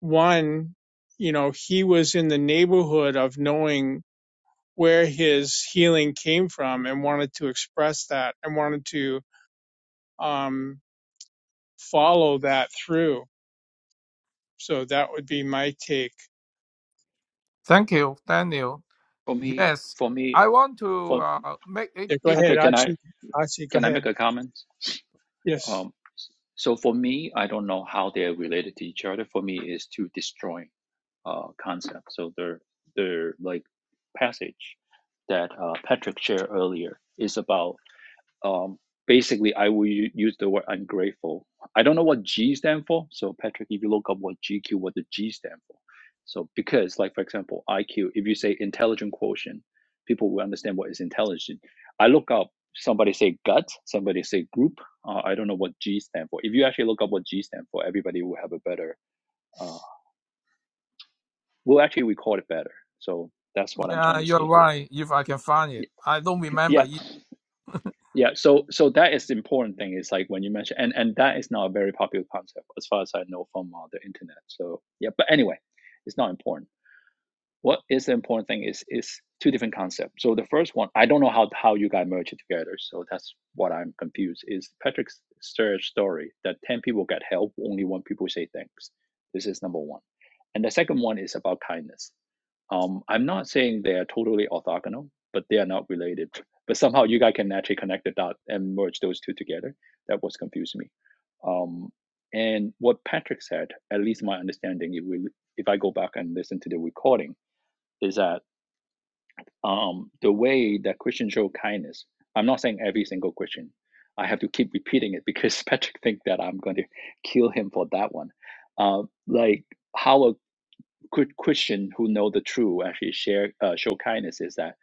one, you know, he was in the neighborhood of knowing where his healing came from and wanted to express that and wanted to um, follow that through. So that would be my take. thank you, Daniel. For me, Yes, for I me, want to for uh, make Yeah, go it ahead, Patrick, can I Archie. Archie, go can I make ahead. a comment? Yes. Um, so for me, I don't know how they're related to each other. For me, is to destroy. uh, concept. So the the like passage that uh, Patrick shared earlier is about um, basically I will u- use the word ungrateful. I don't know what G stand for. So Patrick, if you look up what GQ, what the G stand for. So because like for example IQ, if you say intelligent quotient, people will understand what is intelligent. I look up somebody say gut, somebody say group. Uh, I don't know what G stand for. If you actually look up what G stand for, everybody will have a better uh, We'll actually record it better. So that's what I'm Yeah, trying to you're say here. right. If I can find it, I don't remember. Yeah, it. yeah. So so that is the important thing. Is like when you mention and and that is not a very popular concept as far as I know from uh, the internet. So yeah, but anyway, it's not important. what is the important thing is is two different concepts. So the first one, I don't know how how you guys merge it together. So that's what I'm confused. Is Patrick's search story that ten people get help, only one people say thanks. This is number one, and the second one is about kindness. Um, I'm not saying they are totally orthogonal, but they are not related. But somehow you guys can actually connect the dot and merge those two together. That was confusing me. Um, and what Patrick said, at least my understanding, if we if I go back and listen to the recording is that um, the way that Christians show kindness, I'm not saying every single Christian. I have to keep repeating it because Patrick thinks that I'm going to kill him for that one. Uh, like how a good Christian who know the truth actually share uh, show kindness is that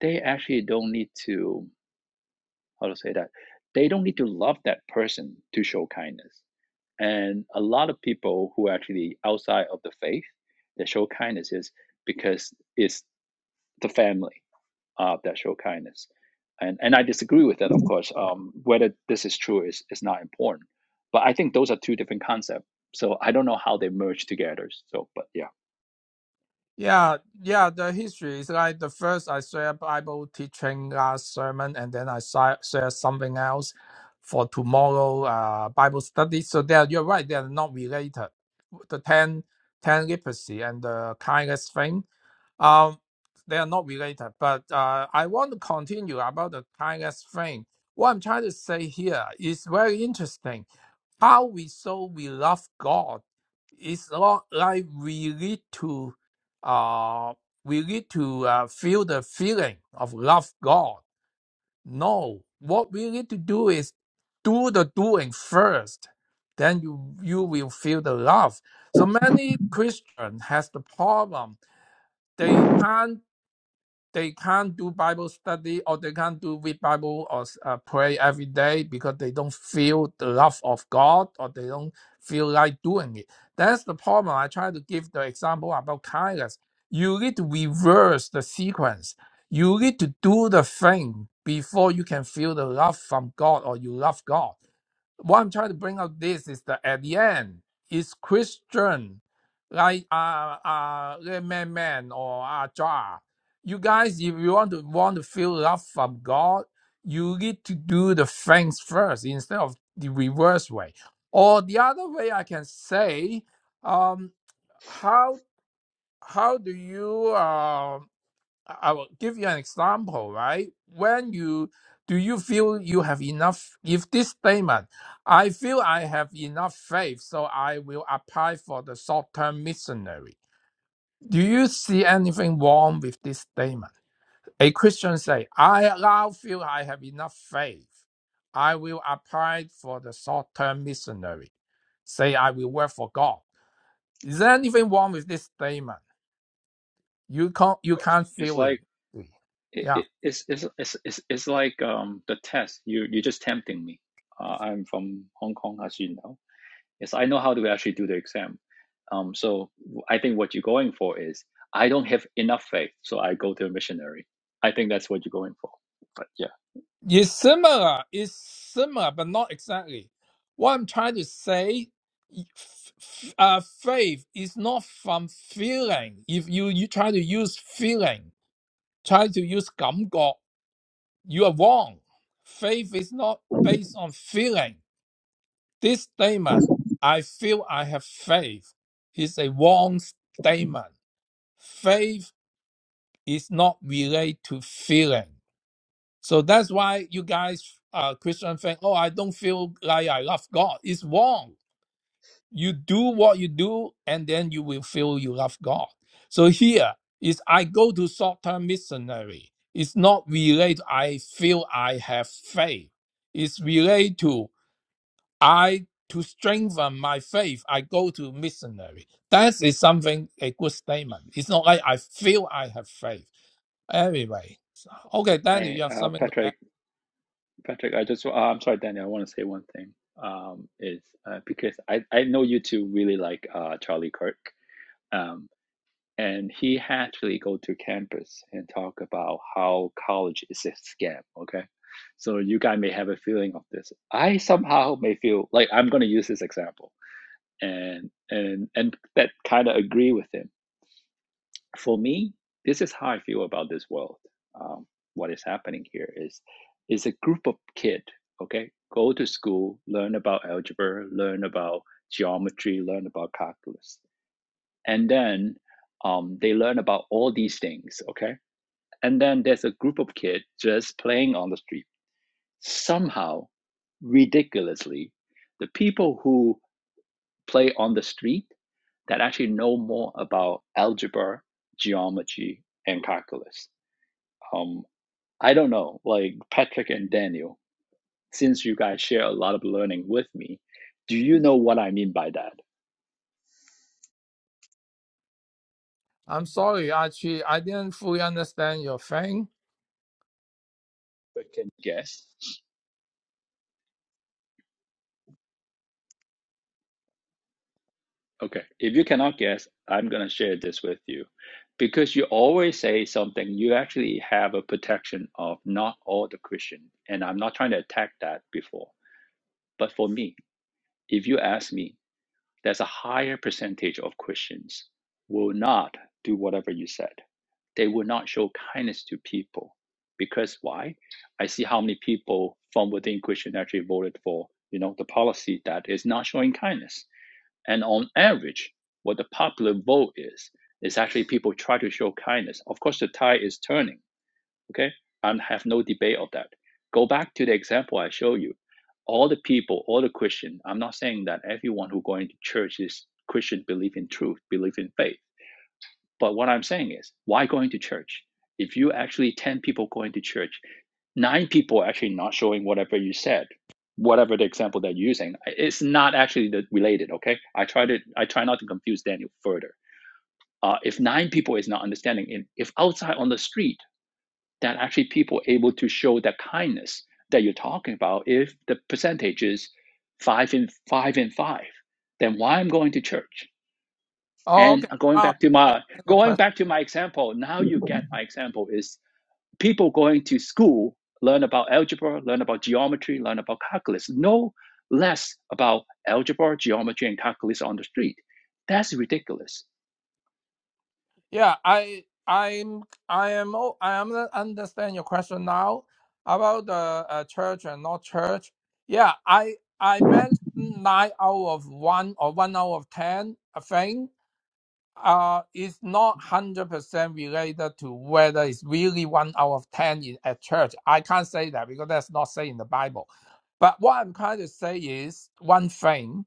they actually don't need to how to say that they don't need to love that person to show kindness. And a lot of people who actually outside of the faith that show kindness is because it's the family uh, that show kindness. And, and I disagree with that, of course. Um, whether this is true is, is not important. But I think those are two different concepts. So I don't know how they merge together. So, but yeah, Of Yeah, yeah. The history is like the first I share Bible teaching last sermon, and then I si- share something else for tomorrow uh, Bible study. So they're you're right. They're not related. The ten ten leprosy and the kindness thing. Um, they are not related. But uh, I want to continue about the kindness thing. What I'm trying to say here is very interesting How we so we love God is not like we need to uh we need to uh, feel the feeling of love God. No, what we need to do is do the doing first. Then you you will feel the love. So many Christians has the problem. They can't they can't do Bible study or they can't do read Bible or uh, pray every day because they don't feel the love of God or they don't feel like doing it. That's the problem. I try to give the example about kindness. You need to reverse the sequence. You need to do the thing before you can feel the love from God or you love God what I'm trying to bring out this is that at the end, is Christian, like uh uh Red man man or Ajar. You guys, if you want to want to feel love from God, you need to do the things first instead of the reverse way. Or the other way I can say, um, how how do you uh, I I will give you an example, right? When you do you feel you have enough? If this statement, I feel I have enough faith, so I will apply for the short term missionary. Do you see anything wrong with this statement? A Christian say, I now feel I have enough faith. I will apply for the short term missionary. Say I will work for God. Is there anything wrong with this statement? You can't you course. can't it's feel it. like it, Yeah. it's, it's, it's, it's, it's like um, the test. You, you're just tempting me. Uh, I'm from Hong Kong, as you know. Yes, I know how to actually do the exam. Um, so I think what you're going for is I don't have enough faith, so I go to a missionary. I think that's what you're going for. But yeah, It's similar. It's similar, but not exactly. What I'm trying to say, f- f- uh, faith is not from feeling. If you you try to use feeling, try to use 感觉, you are wrong. Faith is not based on feeling. This statement, I feel I have faith, is a wrong statement. Faith is not related to feeling. So that's why you guys, uh, Christian think, oh, I don't feel like I love God. It's wrong. You do what you do, and then you will feel you love God. So here is I go to short-term missionary. It's not related. I feel I have faith. It's related to I to strengthen my faith. I go to missionary. That is something a good statement. It's not like I feel I have faith. Anyway, so- okay, Daniel, I, you have uh, something to add. Patrick, Patrick, I just, uh, I'm sorry, Daniel, I want to say one thing. Um, is uh, because I, I know you two really like uh, Charlie Kirk. Um, and he actually go to campus and talk about how college is a scam. Okay. So you guys may have a feeling of this. I somehow may feel like I'm going to use this example and, and, and that kind of agree with him for me, this is how I feel about this world. Um, what is happening here is is a group of kid, okay, go to school, learn about algebra, learn about geometry, learn about calculus, and then um, they learn about all these things, okay, and then there's a group of kid just playing on the street. Somehow, ridiculously, the people who play on the street that actually know more about algebra, geometry, and calculus um, I don't know, like Patrick and Daniel, since you guys share a lot of learning with me, do you know what I mean by that? I'm sorry, Archie. I didn't fully understand your thing. But Can you guess? Okay, if you cannot guess, I'm gonna share this with you. Because you always say something, you actually have a protection of not all the Christian, and I'm not trying to attack that before. But for me, if you ask me, There's a higher percentage of Christians will not do whatever you said. They will not show kindness to people. Because why? I see how many people from within Christian actually voted for, you know, the policy that is not showing kindness. And on average, what the popular vote is, is actually people try to show kindness. Of course, the tide is turning Okay, I have no debate of that. Go back to the example I show you. All the people, all the Christian. I'm not saying that everyone who going to church is Christian, believe in truth, believe in faith. But what I'm saying is, why going to church? If you actually ten people going to church, nine people are actually not showing whatever you said, whatever the example that you're using, it's not actually the related. Okay, I try to I try not to confuse Daniel further. Uh, if nine people is not understanding, if outside on the street that actually people are able to show that kindness that you're talking about if the percentage is five and five and five then why i'm going to church Oh, and okay. going Now I back to my understand your going question. back to my example now you get my example is people going to school learn about algebra learn about geometry learn about calculus no less about algebra geometry and calculus on the street that's ridiculous Yeah, I, I'm, I am, o- I am understand your question now about the uh, church and not church. Yeah, I, I mentioned nine out of one or one out of ten thing. uh, it's not 100% related to whether it's really one out of 10 in, at church. I can't say that because that's not said in the Bible. But what I'm trying to say is one thing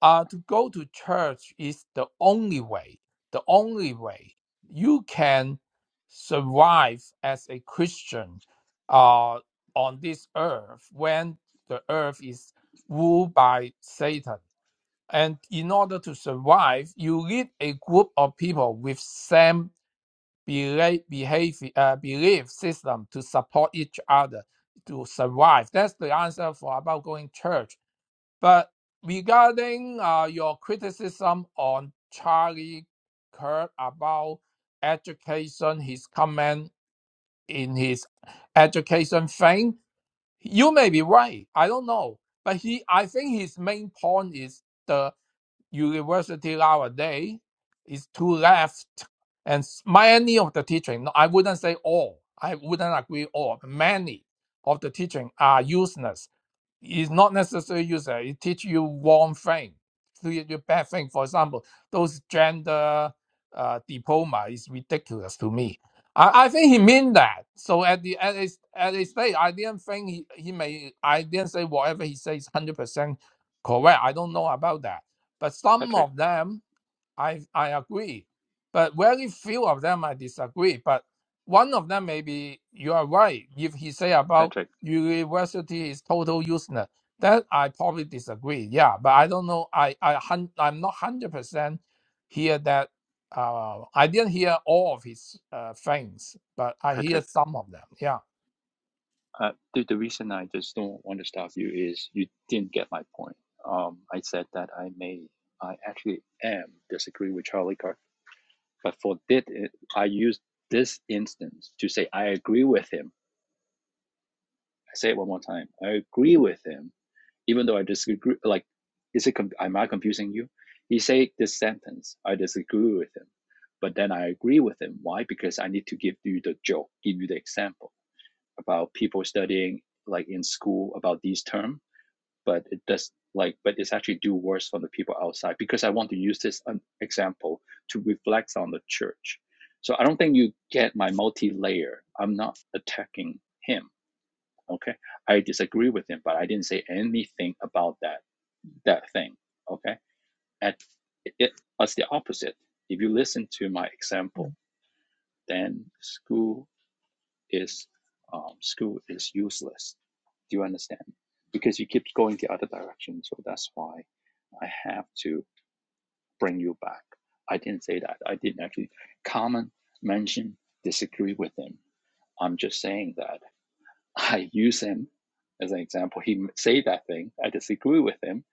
uh, to go to church is the only way, the only way you can survive as a Christian uh, on this earth when the earth is ruled by Satan and in order to survive, you need a group of people with same belief, behavior, uh, belief system to support each other to survive. That's the answer for about going church. But regarding uh, your criticism on Charlie Kirk about education, his comment in his education thing, you may be right. I don't know, but he, I think his main point is the university nowadays is too left and many of the teaching no, i wouldn't say all i wouldn't agree all many of the teaching are useless it's not necessarily user. It teach you one thing, teach you bad thing. For example, those gender uh, diploma is ridiculous to me. I, I think he mean that. So at the at his at his stage, I didn't think he, he may. I didn't say whatever he says hundred percent correct. I don't know about that. But some Patrick. of them I I agree, but very few of them I disagree. But one of them maybe you are right. If he say about patrick university is total useless, that I probably disagree. Yeah, but I don't know. I I hun- I'm not hundred percent hear that. Uh, I didn't hear all of his uh, things, but I hear patrick some of them. Yeah, Uh, the, the reason I just don't want to stop you is you didn't get my point. Um, I said that I may, I actually am disagree with Charlie Kirk, but for did it, I used this instance to say I agree with him. I say it one more time. I agree with him, even though I disagree. Like, is it? com- Am I confusing you? He say this sentence. I disagree with him, but then I agree with him. Why? Because I need to give you the joke, give you the example about people studying like in school about these terms but it does like but it's actually do worse for the people outside because i want to use this um, example to reflect on the church so i don't think you get my multi-layer i'm not attacking him okay i disagree with him but i didn't say anything about that that thing okay at it, it's the opposite if you listen to my example then school is um, school is useless. Do you understand? Because you keep going the other direction, so that's why I have to bring you back. I didn't say that. I didn't actually comment, mention, disagree with him. I'm just saying that I use him as an example. He say that thing. I disagree with him,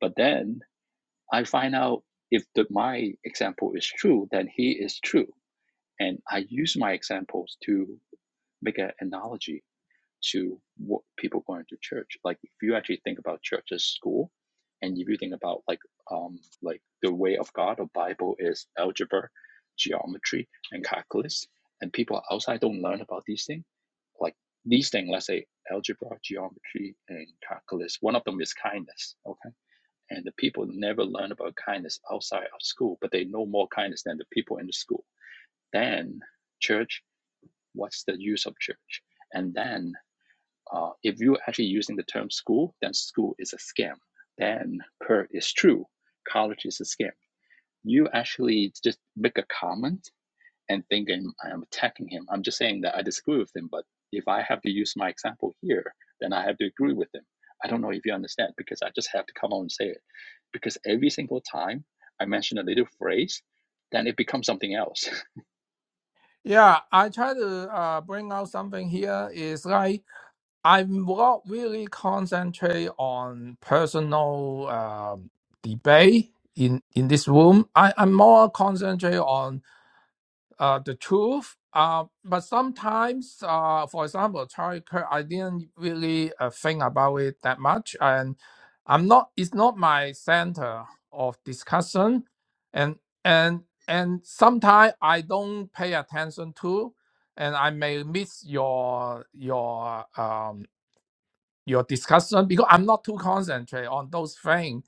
but then I find out if the, my example is true, then he is true, and I use my examples to make an analogy to what people going to church. Like if you actually think about church as school, and if you think about like um like the way of God or Bible is algebra, geometry, and calculus, and people outside don't learn about these things. Like these things, let's say algebra, geometry, and calculus. One of them is kindness. Okay, and the people never learn about kindness outside of school, but they know more kindness than the people in the school. Then church, what's the use of church? And then uh, if you're actually using the term school, then school is a scam. Then per is true, college is a scam. You actually just make a comment and thinking I am attacking him. I'm just saying that I disagree with him, but if I have to use my example here, then I have to agree with him. I don't know if you understand because I just have to come out and say it. Because every single time I mention a little phrase, then it becomes something else. yeah. I try to uh, bring out something here. Is like I'm not really concentrate on personal uh, debate in in this room. I, I'm more concentrate on uh, the truth. Uh, but sometimes, uh, for example, Charlie Kirk, I didn't really uh, think about it that much, and I'm not. It's not my center of discussion, and and and sometimes I don't pay attention to, and I may miss your your um your discussion because I'm not too concentrate on those things.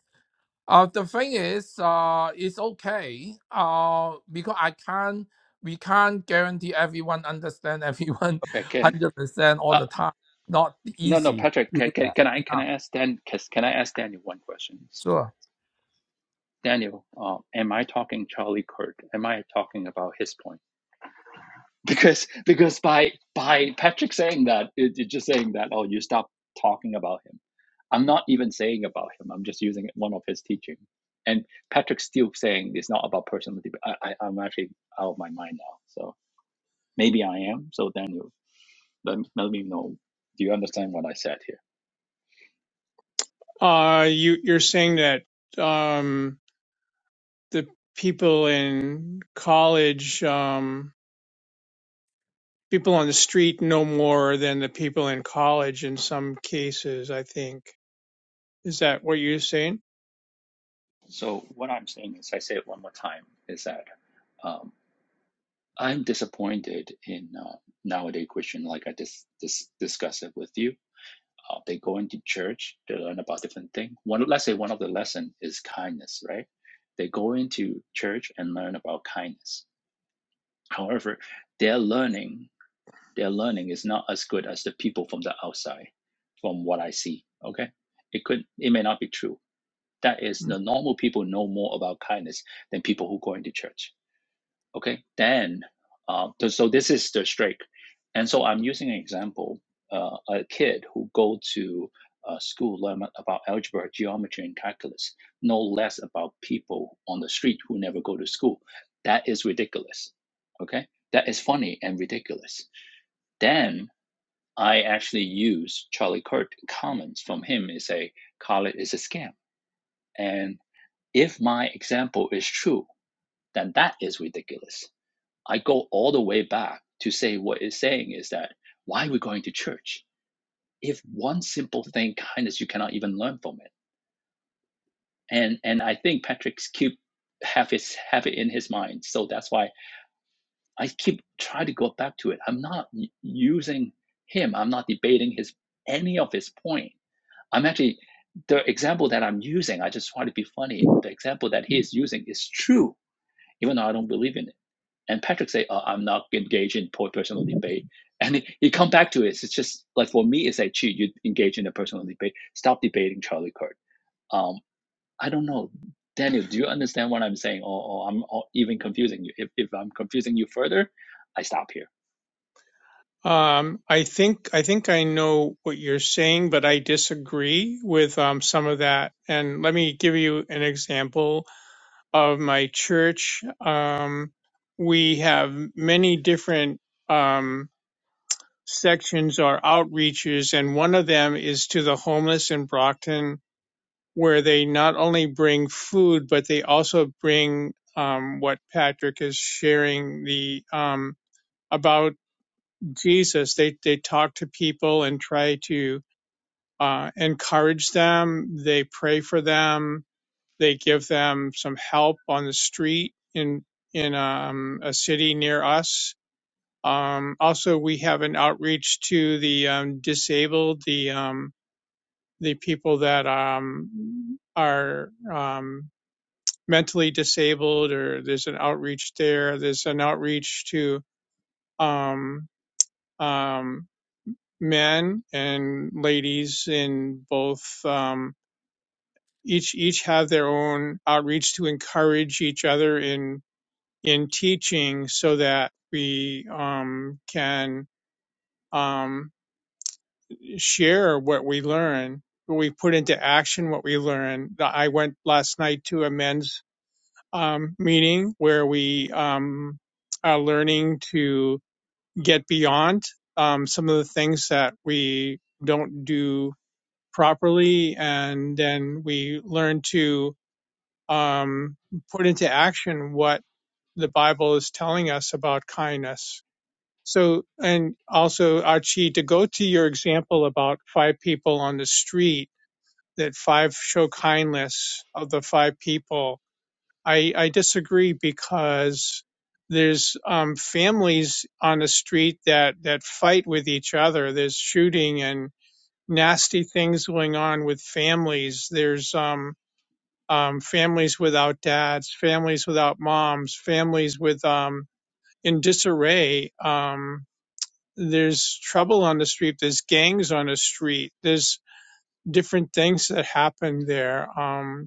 Uh, the thing is, uh, it's okay. Uh, because I can't, we can't guarantee everyone understand everyone okay, can hundred percent all uh, the time. Not no no easy. Patrick, to can, do can, that. can I can Yeah, I ask Dan can, can I ask Daniel one question? sure. Daniel, uh, am I talking Charlie Kirk? Am I talking about his point? Because because by by Patrick saying that, it, it's just saying that oh, you stop talking about him. I'm not even saying about him. I'm just using one of his teaching. And Patrick's still saying it's not about personal. deb- I, I I'm actually out of my mind now. So maybe I am. So Daniel, let let me know. Do you understand what I said here? Uh, you you're saying that um, the people in college. Um, people on the street know more than the people in college in some cases, I think. Is that what you're saying? So what I'm saying is, I say it one more time. Is that? um, I'm disappointed in uh, nowadays Christian, like I just dis- dis- discussed it with you. Uh, they go into church, they learn about different things. One, let's say one of the lesson is kindness, right? They go into church and learn about kindness. However, their learning, their learning is not as good as the people from the outside, from what I see. Okay, it could, it may not be true. That is, the normal people know more about kindness than people who go into church Okay, then uh, so this is the streak, and so I'm using an example: uh, a kid who go to uh, school learn about algebra, geometry, and calculus, no less about people on the street who never go to school. That is ridiculous. Okay, that is funny and ridiculous. Then I actually use Charlie Kurt comments from him and say college is a scam. And if my example is true, then that is ridiculous I go all the way back to say what it's saying is that why are we going to church? If one simple thing, kindness, you cannot even learn from it. And and I think Patrick's keep have his have it in his mind. So that's why I keep trying to go back to it. I'm not y- using him. I'm not debating his any of his point. I'm actually the example that I'm using. I just try to be funny. The example that he is using is true, even though I don't believe in it. And Patrick say, oh, I'm not engaged in personal debate. And he, he come back to it. It's just like for me, it's like, gee, you engage in a personal debate. Stop debating Charlie Kirk. Um, I don't know. Daniel, do you understand what I'm saying? Or, or I'm or even confusing you. If, if I'm confusing you further, I stop here. Um, I think I think I know what you're saying, but I disagree with um, some of that. And let me give you an example of my church. Um, we have many different um, sections or outreaches, and one of them is to the homeless in Brockton where they not only bring food, but they also bring um, what Patrick is sharing the um, about Jesus. They they talk to people and try to uh, encourage them. They pray for them. They give them some help on the street in in um, a city near us. Um, also, we have an outreach to the um, disabled, the um, the people that um, are um, mentally disabled or there's an outreach there there's an outreach to um, um, men and ladies in both um, each each have their own outreach to encourage each other in in teaching so that we um, can um, share what we learn we put into action what we learn i went last night to a men's um, meeting where we um, are learning to get beyond um, some of the things that we don't do properly, and then we learn to um, put into action what the Bible is telling us about kindness. So, and also, Archie, to go to your example about five people on the street, that five show kindness of the five people I, I disagree because there's um, families on the street that, that fight with each other. There's shooting and nasty things going on with families. There's um, um, families without dads, families without moms, families with um, in disarray. Um, there's trouble on the street. There's gangs on the street. There's different things that happen there. Um,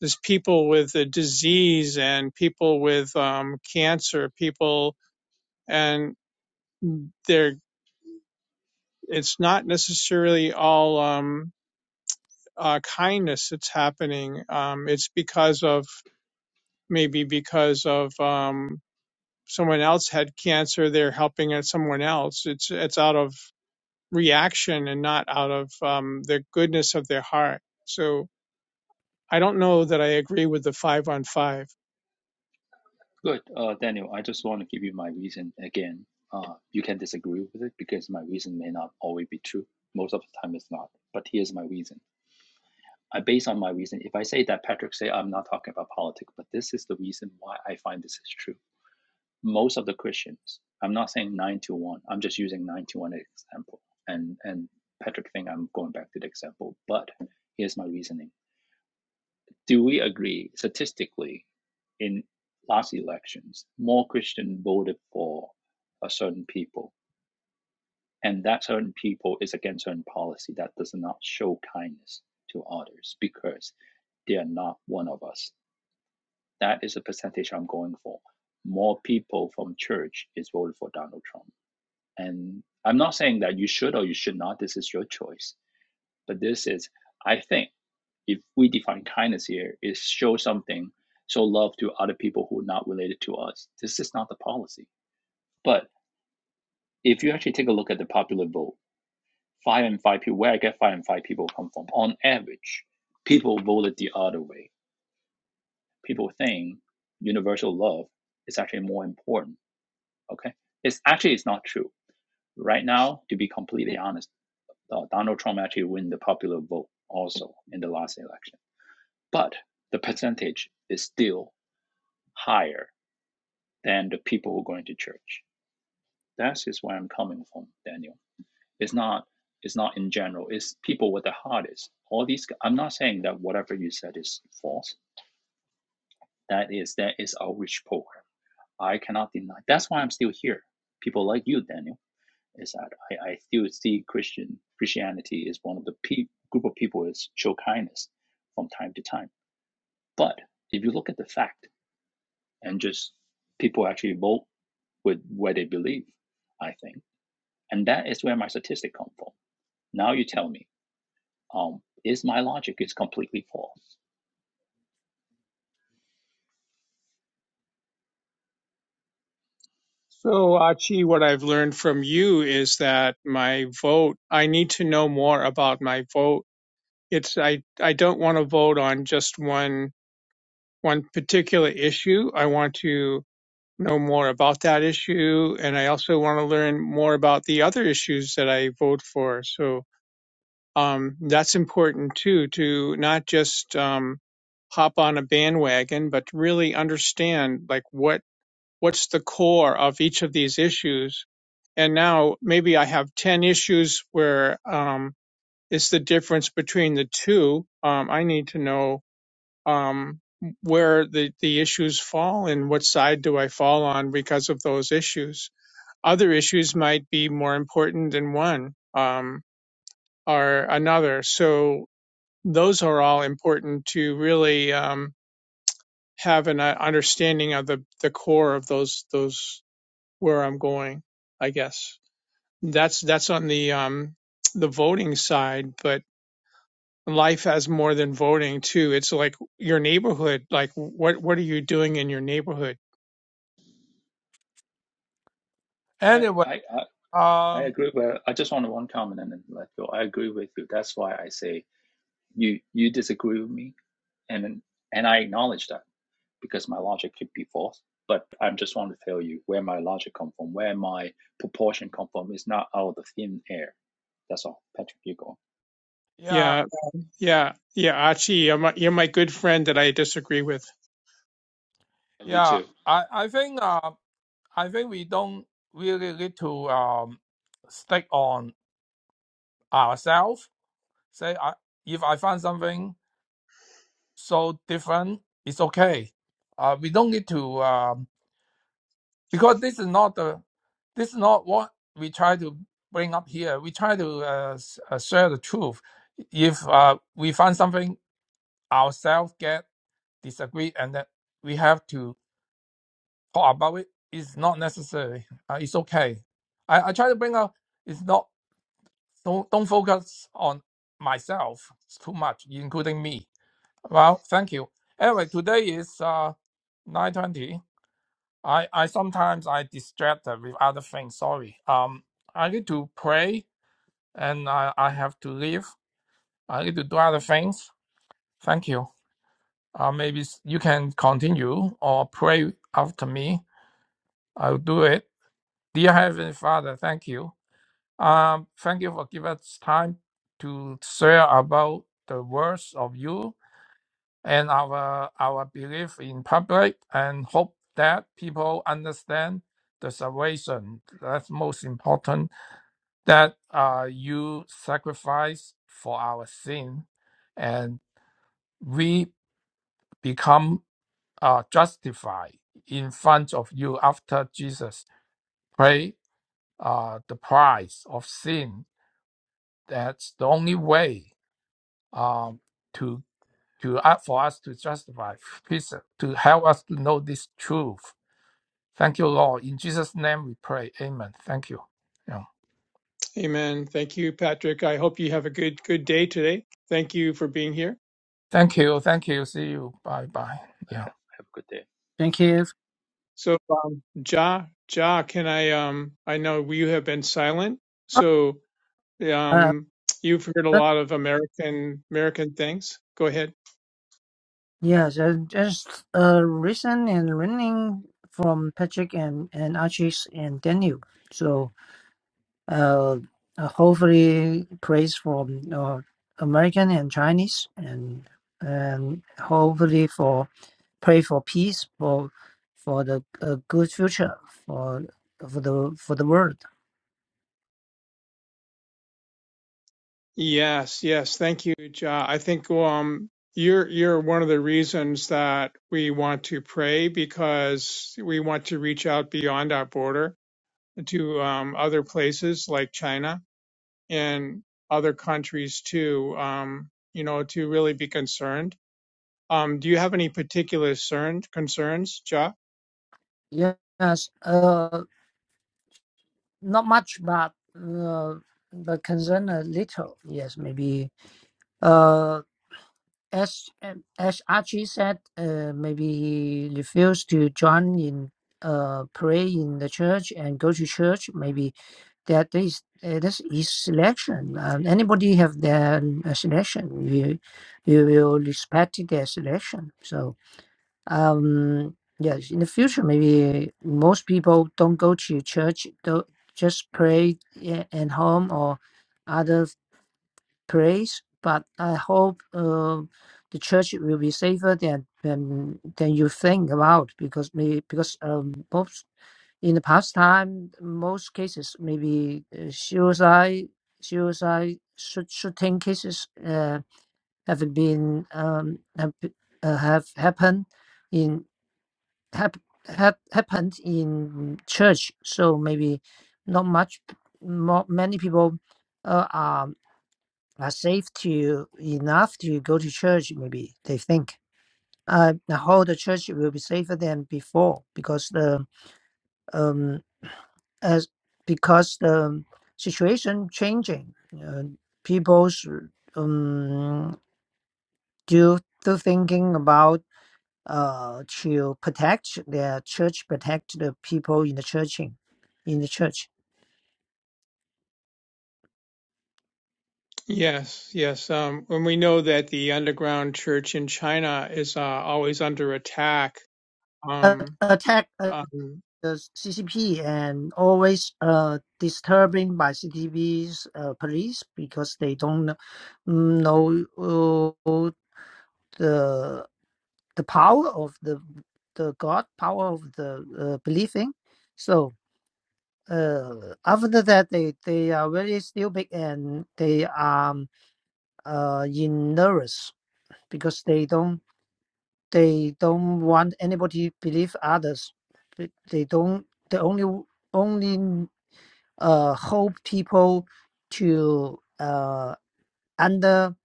there's people with a disease and people with um, cancer, people, and they're, it's not necessarily all um, uh, kindness that's happening. Um, it's because of, maybe because of um, someone else had cancer, they're helping someone else. It's, it's out of reaction and not out of um, the goodness of their heart. So I don't know that I agree with the five on five. Good. Uh, Daniel, I just want to give you my reason again. Uh, you can disagree with it because my reason may not always be true. Most of the time it's not. But here's my reason. I base on my reason. If I say that, Patrick say I'm not talking about politics, but this is the reason why I find this is true. Most of the Christians, I'm not saying nine to one. I'm just using nine to one example. And and Patrick think I'm going back to the example, but here's my reasoning. Do we agree statistically in last elections, more Christian voted for a certain people, and that certain people is against certain policy that does not show kindness to others because they are not one of us. That is the percentage I'm going for. More people from church is voted for Donald Trump. And I'm not saying that you should or you should not. This is your choice. But this is, I think, if we define kindness here, is show something, show love to other people who are not related to us. This is not the policy. But if you actually take a look at the popular vote, five and five people, where I get five and five people come from, on average, people voted the other way. People think universal love is actually more important Okay, it's actually it's not true right now. To be completely honest, uh, Donald Trump actually win the popular vote also in the last election, but the percentage is still higher than the people who are going to church. That is where I'm coming from, Daniel. It's not it's not in general. It's people with the hardest. All these. I'm not saying that whatever you said is false. That is that is outreach program. I cannot deny. That's why I'm still here. People like you, Daniel is that I, I still see Christian Christianity is one of the pe- group of people is show kindness from time to time. But if you look at the fact and just people actually vote with where they believe, I think, and that is where my statistic come from. Now you tell me, um, is my logic is completely false? So, Achi, what I've learned from you is that my vote, I need to know more about my vote. It's, I, I don't want to vote on just one, one particular issue. I want to know more about that issue. And I also want to learn more about the other issues that I vote for. So, um, that's important too, to not just, um, hop on a bandwagon, but to really understand like what what's the core of each of these issues. And now maybe I have 10 issues where um, it's the difference between the two. Um, I need to know um, where the, the issues fall and what side do I fall on because of those issues. Other issues might be more important than one um, or another. So those are all important to really um, have an uh, understanding of the, the core of those those where I'm going, I guess. That's that's on the um the voting side, but life has more than voting too. It's like your neighborhood, like what what are you doing in your neighborhood? I Anyway, I I, I um, agree with. I just want to one comment and then let go. I agree with you. That's why I say you you disagree with me, and and I acknowledge that. because my logic could be false. But I just want to tell you where my logic come from, where my proportion come from. It's not out of the thin air. That's all. Patrick, you go. yeah, Yeah, yeah, yeah, Achi, you're my, you're my good friend that I disagree with. And You yeah. too. I, I think, uh, I think we don't really need to um stick on ourselves. Say, I if I find something. so different, it's okay. Uh, we don't need to um, because this is not the this is not what we try to bring up here. We try to uh, s- uh, share the truth. If uh, we find something ourselves get disagree and that we have to talk about it, it's not necessary. Uh, it's okay. I, I try to bring up it's not don't don't focus on myself too much, including me. Well, thank you. Anyway, today is uh, nine twenty. I, I sometimes I distracted with other things. Sorry. Um, I need to pray and I, I have to leave. I need to do other things. Thank you. Uh, maybe s- you can continue or pray after me. I'll do it. Dear Heavenly Father, thank you. Um, thank you for giving us time to share about the words of you and our our belief in public and hope that people understand the salvation. That's most important. That uh, you sacrifice for our sin, and we become uh, justified in front of you after Jesus pay uh, the price of sin. That's the only way um, to to uh, for us to justify, please, uh, to help us to know this truth Thank you, Lord. In Jesus' name we pray. Amen. Thank you. Yeah. Amen. Thank you, Patrick. I hope you have a good good day today. Thank you for being here. Thank you. Thank you. See you. Bye bye. Yeah. Have a good day. thank you. So, um, Ja, Ja, can I um I know you have been silent. So, Uh, Um, you've heard a but lot of American American things. Go ahead. yes, uh, just uh, listen and learning from Patrick and and Archie's and Daniel. So uh, uh, hopefully praise from uh, American and Chinese and and hopefully for pray for peace for for the uh, good future for for the for the world. Yes, yes. Thank you, Ja. I think um, you're you're one of the reasons that we want to pray because we want to reach out beyond our border to um, other places like China and other countries too. Um, you know, to really be concerned. Um, do you have any particular cern- concerns, Ja? Yes. Uh, not much, but uh, the concern a little. Yes, maybe. Uh, as um, as Archie said, uh, maybe he refused to join in uh pray in the church and go to church. Maybe that is uh, this is selection. Um, anybody have their uh, selection. You you will respect their selection. So um yes in the future maybe most people don't go to church don't just pray i- at home or other place but i hope uh, the church will be safer than than than you think about because maybe because um most in the past time most cases maybe uh, suicide suicide shoot, shooting cases uh, have been um have, be- uh, have happened in hap, hap, happened in church, so maybe not much. More, many people uh, are are safe to enough to go to church. Maybe they think uh, how the church will be safer than before because the um as because the situation changing. Uh, people's um do do thinking about uh, to protect their church, protect the people in the church, in in the church. Yes, yes. Um, and we know that the underground church in China is uh, always under attack. Uh, Um, attack uh, um, the CCP and always uh, disturbing by CCTV's uh, police because they don't know uh, the the power of the the God power of the uh, believing. So uh, after that they they are very stupid and they are um, uh in nervous because they don't they don't want anybody believe others they they don't they only only uh hold people to uh under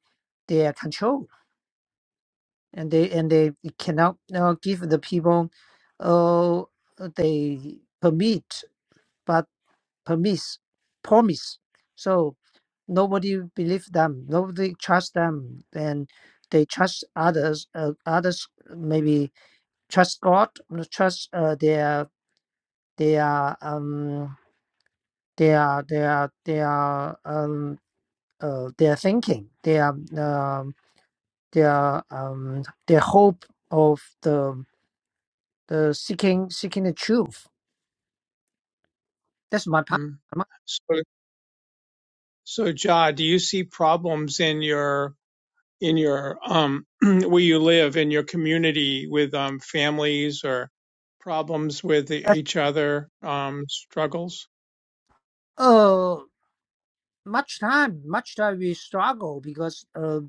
their control and they and they cannot uh, give the people uh they permit but. Promise, promise so nobody believe them nobody trust them and they trust others uh, others maybe trust god uh, trust uh, their their um their their their um uh, their thinking their um their um their hope of the the seeking seeking the truth that's my part mm. so, so, Ja, do you see problems in your in your um, where you live in your community with um, families or problems with e-, each other, um, struggles? uh much time much time we struggle because uh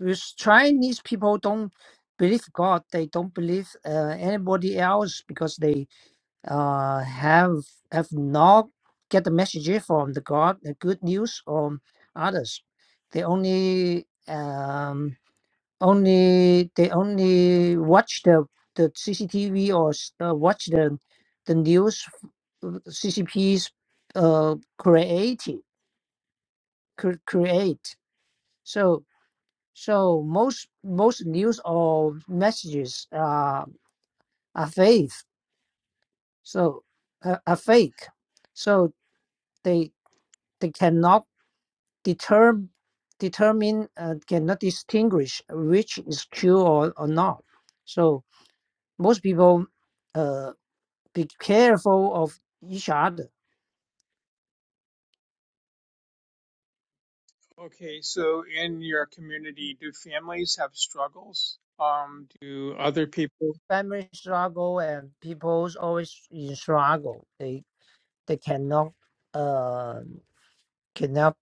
with chinese people don't believe god they don't believe uh, anybody else because they uh have have not get the message from the god the good news from others they only um only they only watch the the CCTV or s- uh, watch the the news f- uh, CCPs uh created cre- create so so most most news or messages are are fake so uh, are fake so they they cannot determine determine uh, cannot distinguish which is true or, or not so most people uh, be careful of each other. Okay, so in your community, do families have struggles? Um, do other people? Family struggle and people's always in struggle. They they cannot uh cannot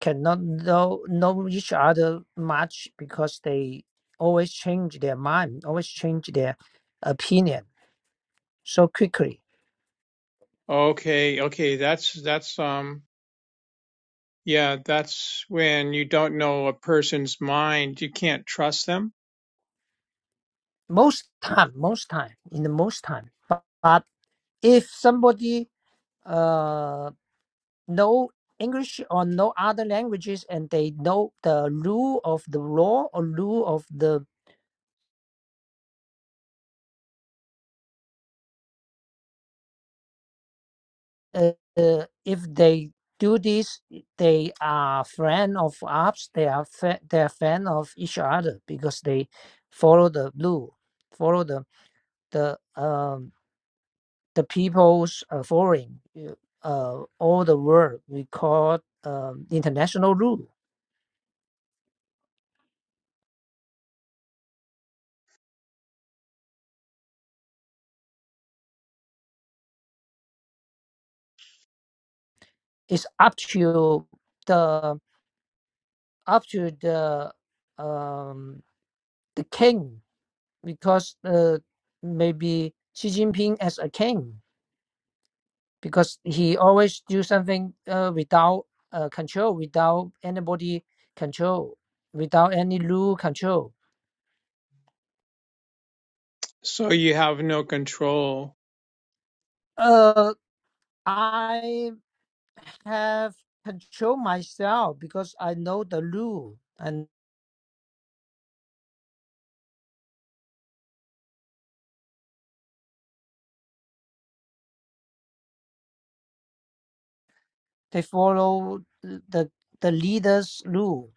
cannot know know each other much because they always change their mind, always change their opinion so quickly. Okay, okay, that's that's um. Yeah, that's when you don't know a person's mind. You can't trust them. Most time, most time, in the most time. But, but if somebody uh no English or no other languages, and they know the rule of the law or rule of the. Uh, uh, if they do this, they are friend of us. They are fa- they are fan of each other because they follow the rule, follow the the um the people's uh, following uh, uh, all the world we call um, international rule. It's up to the up to the um the king because uh, maybe Xi Jinping as a king because he always do something uh, without uh, control, without anybody control, without any rule control. So you have no control. Uh, I have control myself because I know the rule and they follow the the leader's rule.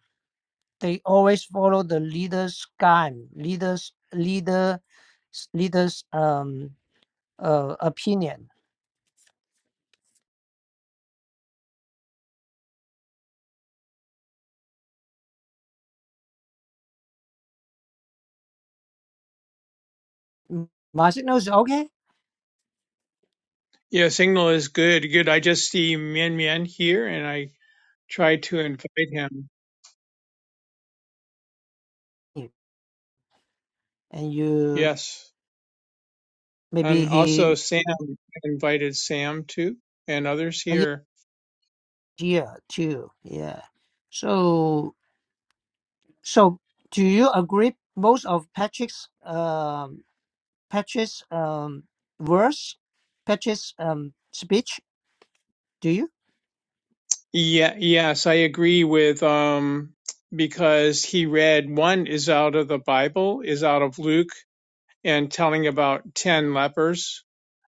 They always follow the leader's guide, leader's leader leaders um uh, opinion. M- Martin knows okay, Yeah, signal is good. Good. I just see Mian Mian here and I try to invite him. and you Yes. maybe And also, he Sam I invited Sam too, and others a year here. too. Yeah. So so do you agree most of Patrick's um Patrick's um verse, Patrick's um speech? Do you? Yeah, yes, I agree with um because he read one is out of the Bible, is out of Luke, and telling about ten lepers,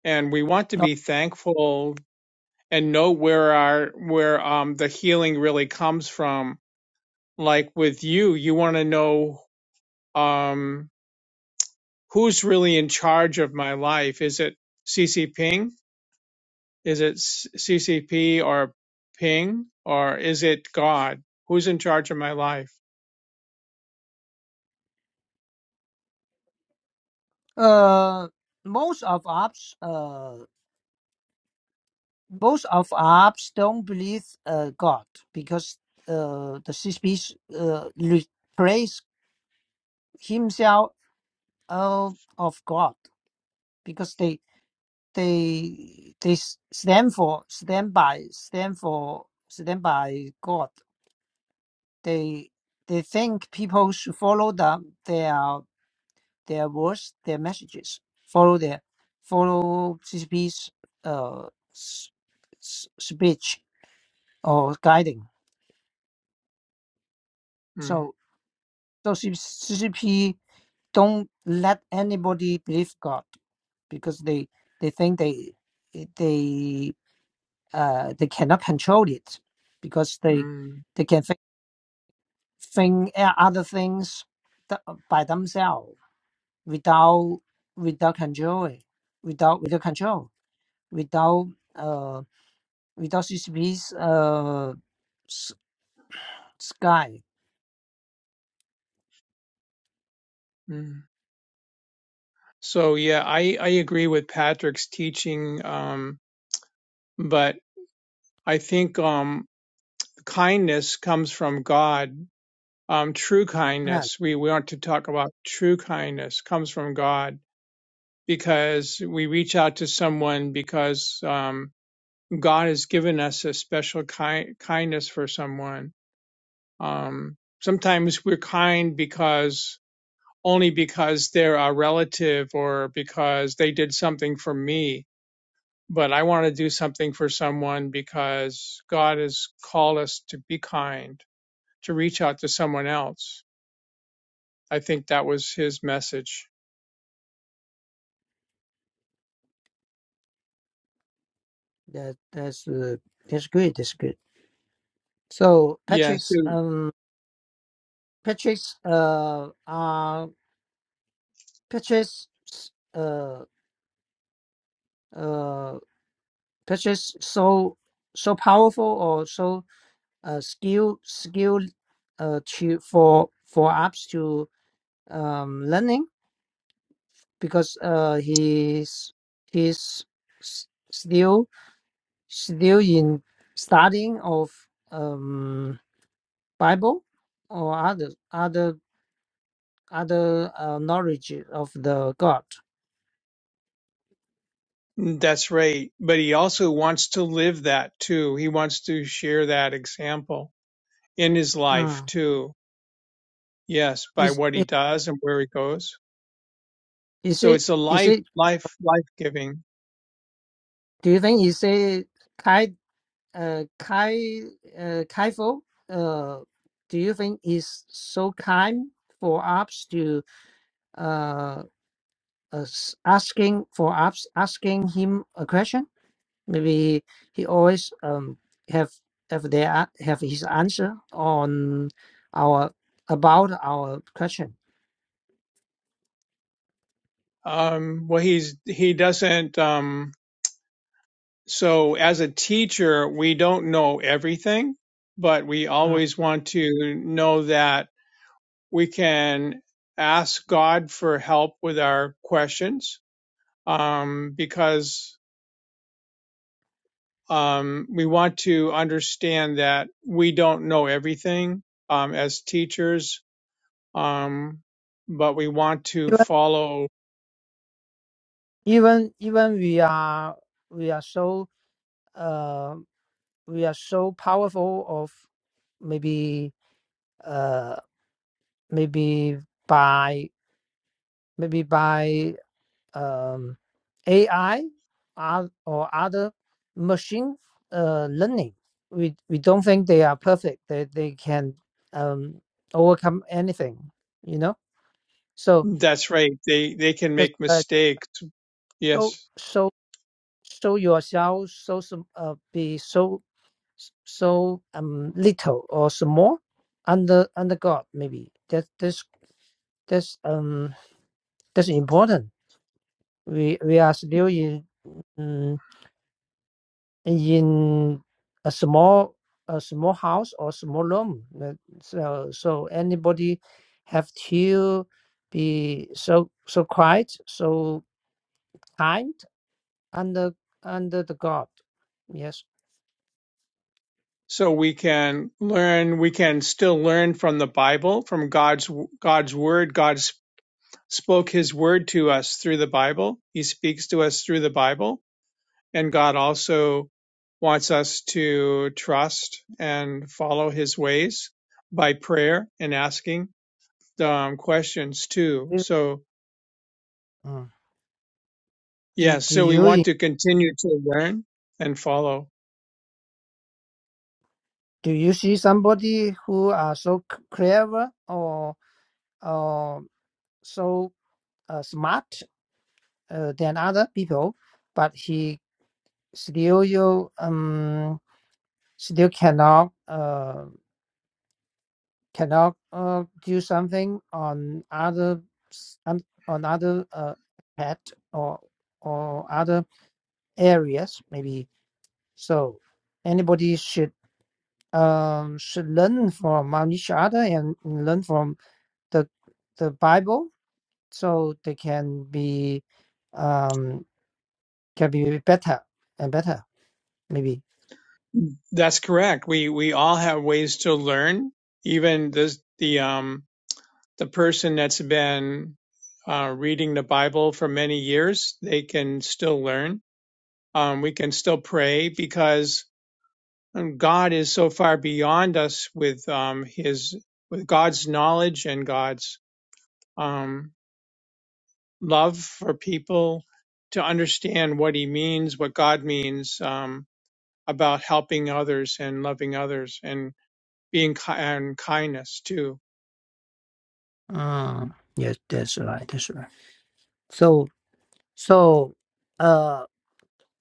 and we want to No. be thankful and know where our where um the healing really comes from. Like with you, you want to know um who's really in charge of my life. Is it CC Ping? Is it CCP or Ping or is it God? Who's in charge of my life? Uh, most of ops uh most of ops don't believe uh God because uh the CSP uh re- praise himself Oh, of God, because they they they s- stand for stand by stand for stand by God. They they think people should follow them their their words, their messages, follow their follow CCP's uh s- s- speech or guiding. Mm, So so C- CCP don't let anybody believe God because they they think they they uh, they cannot control it because they mm, they can think, think uh, other things th- by themselves without without controlling without without control without uh without CCP's uh s- sky mm. So yeah, I, I agree with Patrick's teaching, um, but I think um, kindness comes from God. Um, true yeah kindness, we, we want to talk about true kindness comes from God because we reach out to someone because um, God has given us a special ki- kindness for someone Um, sometimes we're kind because only because they're our relative or because they did something for me. But I want to do something for someone because God has called us to be kind, to reach out to someone else. I think that was his message. that that's uh, that's good that's good so Yeah, Patrick's so um Patrick's uh uh Patrick's uh uh Patrick's so so powerful or so uh, skill skill uh, to for for apps to um, learning because uh, he's he's s- still still in studying of um, Bible or other other other uh, knowledge of the God. that's right. But he also wants to live that too. He wants to share that example in his life Mm. too. Yes, by Is, what he is does and where he goes. is So it it's a is life, it? life, life giving. Do you think is it kind? uh, Kai uh, Kaifo, uh, do you think is so kind for us to uh, us asking for us asking him a question? Maybe he always um, have have their a- have his answer on our about our question. Um, well, he's, he doesn't, um, so as a teacher, we don't know everything, but we Mm. always want to know that we can ask God for help with our questions. Um, because, um, we want to understand that we don't know everything, um, as teachers. Um, but we want to Even follow even even we are we are so uh we are so powerful of maybe uh maybe by maybe by um, AI or, or other machine uh, learning. We, we don't think they are perfect. They, they can um, overcome anything, you know? So That's right. They they can that's make uh, mistakes. so, Yes. so, so yourself, so, sm- uh, be so, so um, little or small under, under God, maybe. That, that's, that's, um, that's important. We, we are still in, And in a small a small house or small room. that- So so anybody have to be so so quiet, so kind under under the God. Yes. So we can learn, we can still learn from the Bible, from God's God's word. God s- spoke his word to us through the Bible. He speaks to us through the Bible, and God also wants us to trust and follow his ways by prayer and asking um, questions too. Do, So, mm. do yes, do so we want you to continue to learn and follow. do you see somebody who are so c- clever or or so uh, smart uh, than other people, but he still you um still cannot uh. cannot uh, do something on other s- on, on other uh, pet or or other areas maybe so anybody should um should learn from um, each other and learn from the the bible so they can be um can be better and better maybe That's correct. We we all have ways to learn. Even this the um the person that's been uh, reading the Bible for many years, they can still learn. Um, we can still pray because um, God is so far beyond us with um his with God's knowledge and God's um love for people to understand what he means, what God means um about helping others and loving others and being ki- and kindness too. Mm, yes, that's right. That's right. So, so, uh,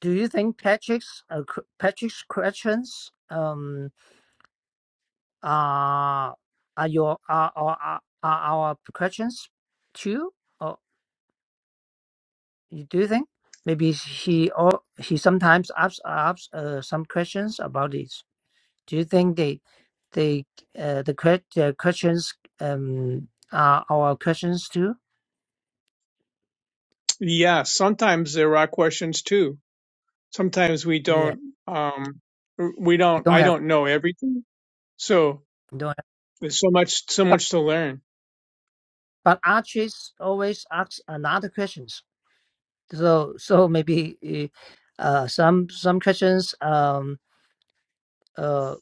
do you think Patrick's uh, qu- Patrick's questions um are are your are are are are our questions too? Or you- do you think maybe he or he sometimes asks asks uh, some questions about this? Do you think they, they, uh, the que- the questions um are our questions too? Yeah, sometimes there are questions too. Sometimes we Yeah, don't, um, we we don't, don't I have don't know everything. So we don't have, there's so much, so but much to learn. but Archie's always asks another questions. So so maybe uh uh, some some questions um uh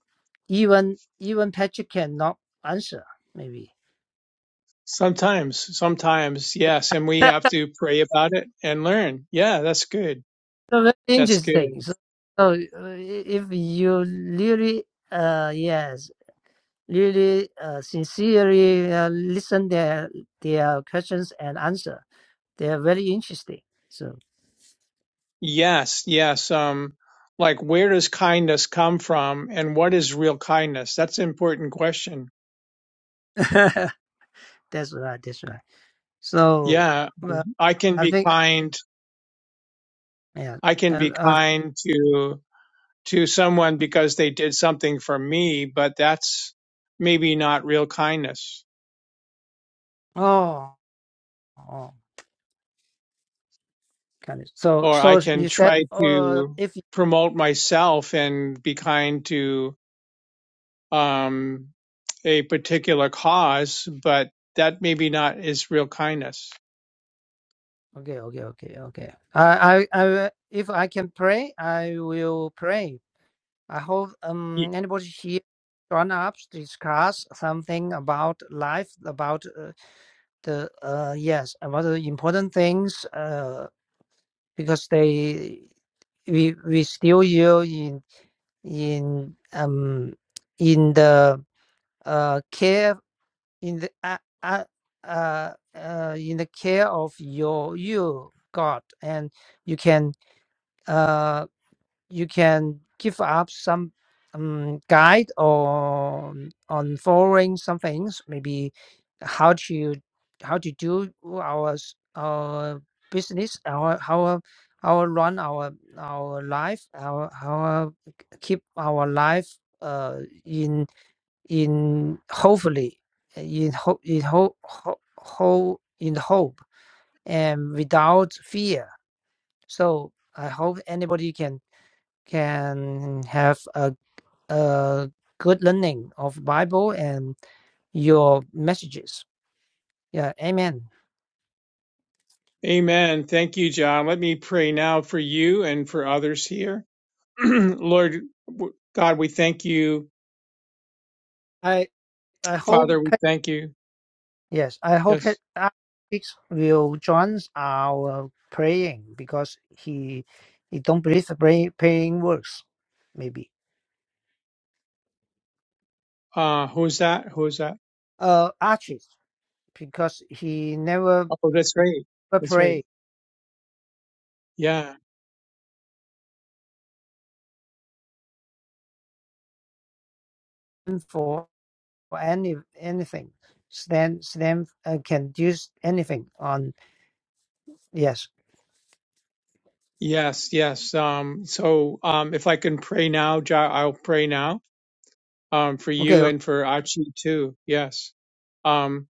even even Patrick cannot answer maybe. Sometimes, sometimes, yes. And we have to pray about it and learn. Yeah, that's good. So very That's interesting. good. So, so uh, if you really uh yes really uh, sincerely uh, listen their their questions and answer. They are very interesting. So Yes, yes. Um, like where does kindness come from and what is real kindness? That's an important question. that's right. That's right. So Yeah, uh, I can I be think kind. yeah. I can Uh, be uh, kind to to someone because they did something for me, but that's maybe not real kindness. oh, oh, kind of. So Or I so can you said try uh, to if promote myself and be kind to um, a particular cause, but that maybe not is real kindness. okay okay okay okay. I I I will- if I can pray, I will pray. I hope Ye- um anybody here gone up to discuss something about life about uh, the uh yes about the important things uh because they we we still you in in um in the uh care in the uh, uh, uh, uh in the care of your you God and you can uh you can give up some um, guide on on following some things maybe how to how to do our s- our business our how how run our our life our how keep our life uh in in hopefully in hope in hope whole in hope and without fear so i hope anybody can can have a, a good learning of Bible and your messages. Yeah, amen. Amen. Thank you, John. Let me pray now for you and for others here. Lord w- God, we thank you. I I hope Father, we thank you. yes, I hope it Yes. uh, it will join our praying because he he don't believe the pray, praying works, maybe. Uh, who's that? Who's that? Uh, Archie, because he never Oh, that's right. That's right. pray Yeah. for for any anything. Stand stand uh, can do anything on yes. Yes. Yes. Um, so, um, if I can pray now, Ja, I'll pray now, um, for Okay. you and for Achi too. Yes. Um,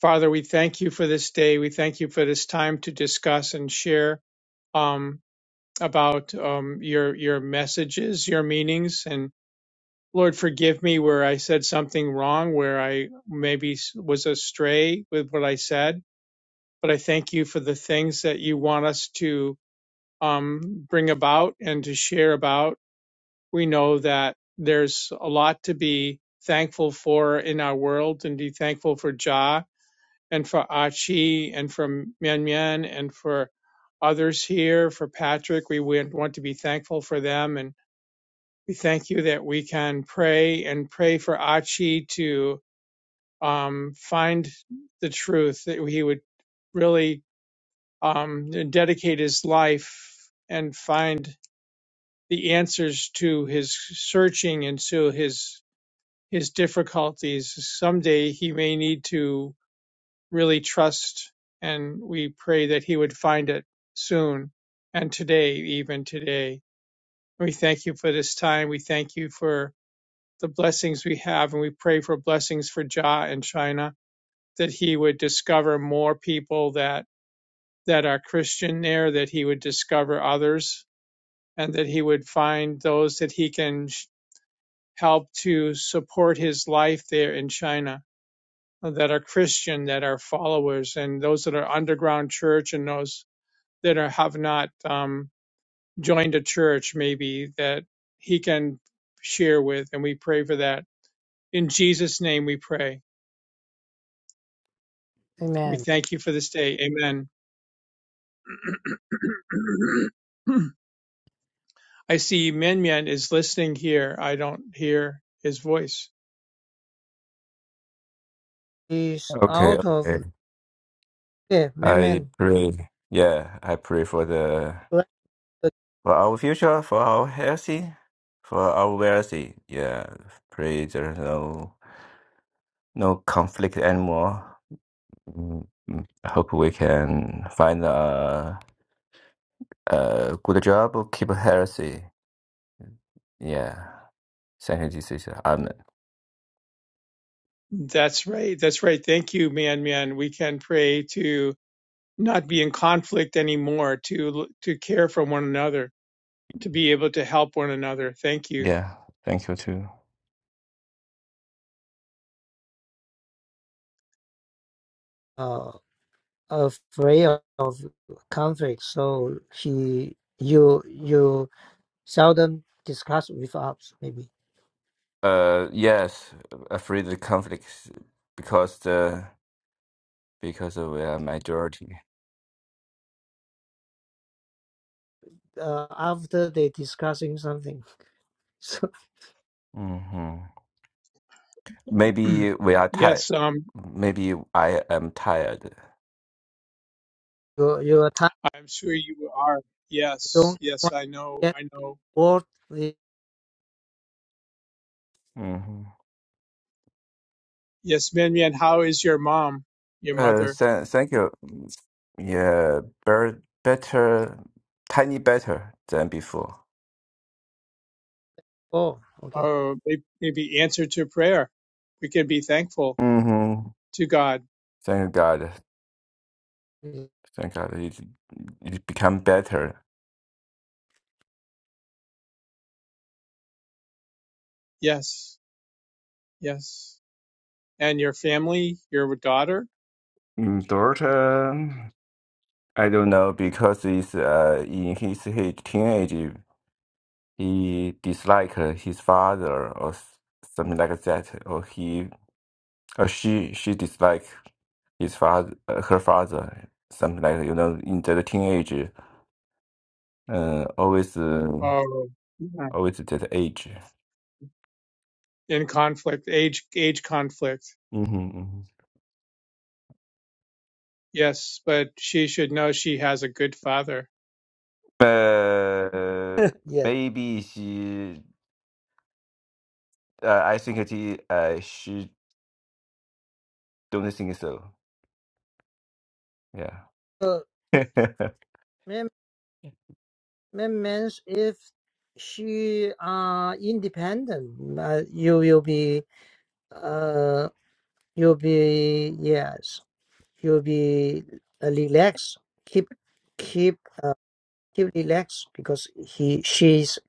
Father, we thank you for this day. We thank you for this time to discuss and share, um, about, um, your, your messages, your meanings. And Lord, forgive me where I said something wrong, where I maybe s- was astray with what I said. But I thank you for the things that you want us to um, bring about and to share about. We know that there's a lot to be thankful for in our world and be thankful for Ja and for Achi and for Mian Mian and for others here, for Patrick. We want to be thankful for them. And we thank you that we can pray and pray for Achi to um, find the truth, that he would really um, dedicate his life and find the answers to his searching and to his his difficulties. Someday he may need to really trust, and we pray that he would find it soon and today, even today. We thank you for this time. We thank you for the blessings we have, and we pray for blessings for Jah in China that he would discover more people that that are Christian there, that he would discover others, and that he would find those that he can help to support his life there in China that are Christian, that are followers, and those that are underground church and those that are, have not um, joined a church, maybe that he can share with. And we pray for that. In Jesus' name we pray. We Amen. thank you for this day. Amen. I see Min Min is listening here. I don't hear his voice. He's Okay, out of okay. yeah, I Amen. pray. Yeah, I pray for the for our future, for our healthy, for our wealthy. Yeah, pray there's no no conflict anymore. Mm, mm. I hope we can find a a good job, keep healthy. Yeah. Thank you, Jesus. Amen. That's right. That's right. Thank you, Min Min. We can pray to not be in conflict anymore, to to care for one another, to be able to help one another. Thank you. Yeah. Thank you too. Uh, afraid of conflict, so he you you seldom discuss with us. Maybe Uh, yes, afraid of conflicts because the because we are majority. uh, after they discussing something, so Mm-hmm. Maybe we are tired. yes, um, Maybe I am tired. your your time I'm sure you are. Yes, don't yes, want I to know, get I know. bored with hmm Yes, Mian Mian, how is your mom, your Uh, mother? th thank you. Yeah, ber better, tiny better than before. all. Okay. Oh, may- maybe answer to prayer. We can be thankful hmm to God. Thank God. Thank God. It it become better. Yes, yes. And your family, your daughter. Mm, Daughter, I don't know because it's uh in his, his teenage he dislike his father or s- something like that, or he Uh, she she disliked his father, uh, her father, something like you know, in the teenage, uh, always uh, Oh, yeah. always that age. in conflict, age, age conflict. hmm Yes, but she should know she has a good father. Uh, yes. maybe she. Uh, I think it, i- uh, she don't think so. Yeah. So man, man means if she are independent, uh, you will be. uh, you'll be yes you'll be uh, relaxed keep keep uh, keep relaxed because he she's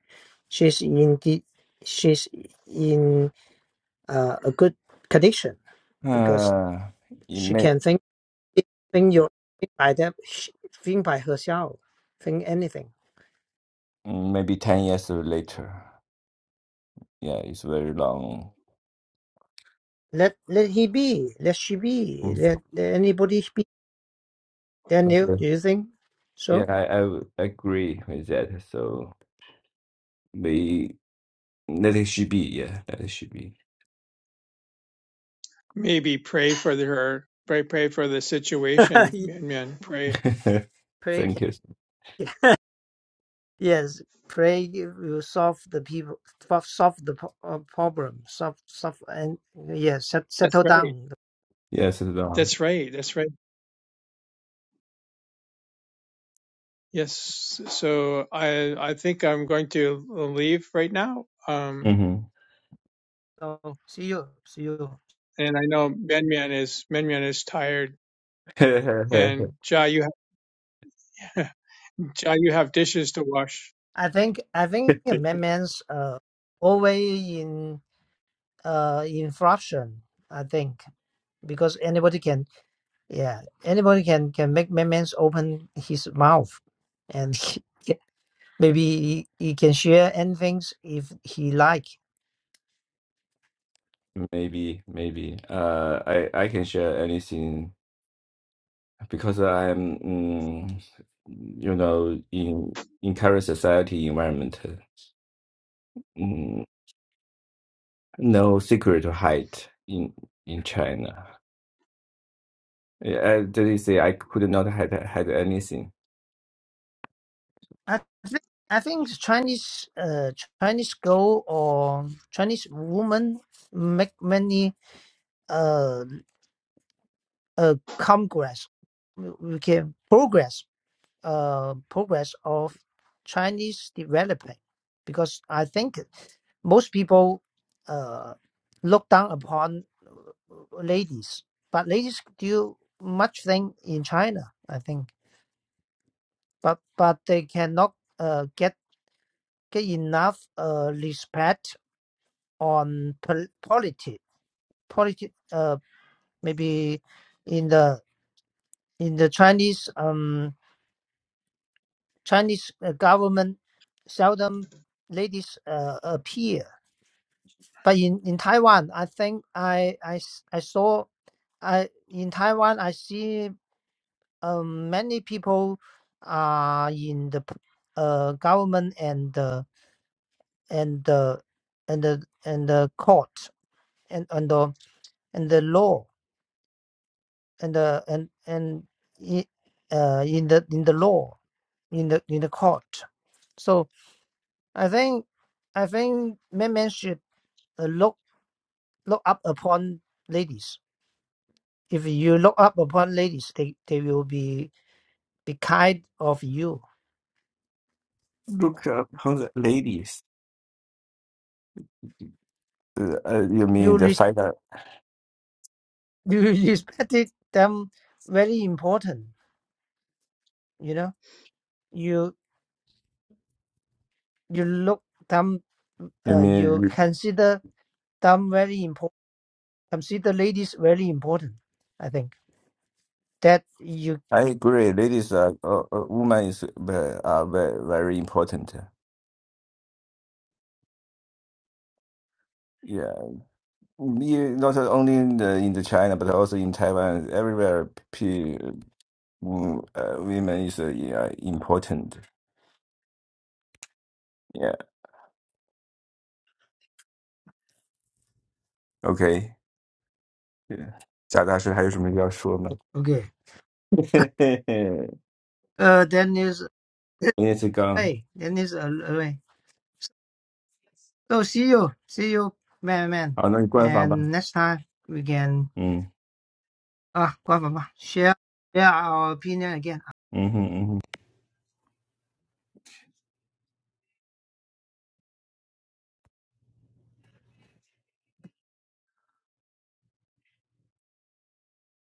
she's in the she's in uh, a good condition because uh, it she may can think think your think by them she- think by herself think anything maybe ten years later. Yeah, it's very long. let let he be let she be Mm. let, let anybody be daniel Okay. do you think Yeah, so I, I would agree with that. So we That it should be, yeah, that it should be. Maybe pray for her. Pray, pray for the situation, man. man pray. pray Thank you. Yes, pray will solve the people, fo- solve the po- uh, problem, solve, solve, and yes, set, That's settle right. down. Yes, it's um. That's right. That's right. Yes. So I, I think I'm going to leave right now. Um, mhm. So see you, see you. and I know Menman is Menman is tired, and Ja, you have, Ja, you have dishes to wash. I think, I think amendments, uh, always in, uh, in fraction. I think because anybody can, yeah, anybody can can make amendments open his mouth, and maybe he, he can share anything if he like. maybe, maybe. Uh, I I can share anything because I am, mm, you know, in in current society environment, mm, no secret to hide in in China. Yeah, I did say I could not hide hide anything. I think I think Chinese uh Chinese girl or Chinese woman make many uh uh congress we we can progress uh progress of Chinese development because I think most people uh look down upon uh, ladies but ladies do much thing in China I think but but they cannot uh get get enough uh, respect on pol- polity, politi- uh, maybe in the in the Chinese um, Chinese uh, government seldom ladies uh, appear. But in, in Taiwan, I think I, I, s- I saw I in Taiwan I see um, many people are in the p- uh, government and the and the and the and the court and and the and the law and uh, and and i- uh, in the in the law in the in the court. So I think I think men men should uh, look look up upon ladies. If you look up upon ladies, they, they will be be kind of you. Look upon the ladies. Uh, uh, you You mean the res- fighter? you respected them very important. You know you you look them You uh, mean? you consider them very important. Consider ladies very important. I think that you I agree. Ladies are, uh, uh, women is ve- are very, very important. Yeah, Me- not only in the, in the China but also in Taiwan, everywhere. P, mm, uh, women is uh, yeah, important. Yeah. OK. Yeah. Okay. Uh, then is away. 贾大师还有什么要说吗？嘿嘿嘿，你也是刚好，那你关房吧。嗯嗯哼嗯哼。Then is a- away. So see you, see you, man, man. And next time we can ah, uh, share share our opinion again.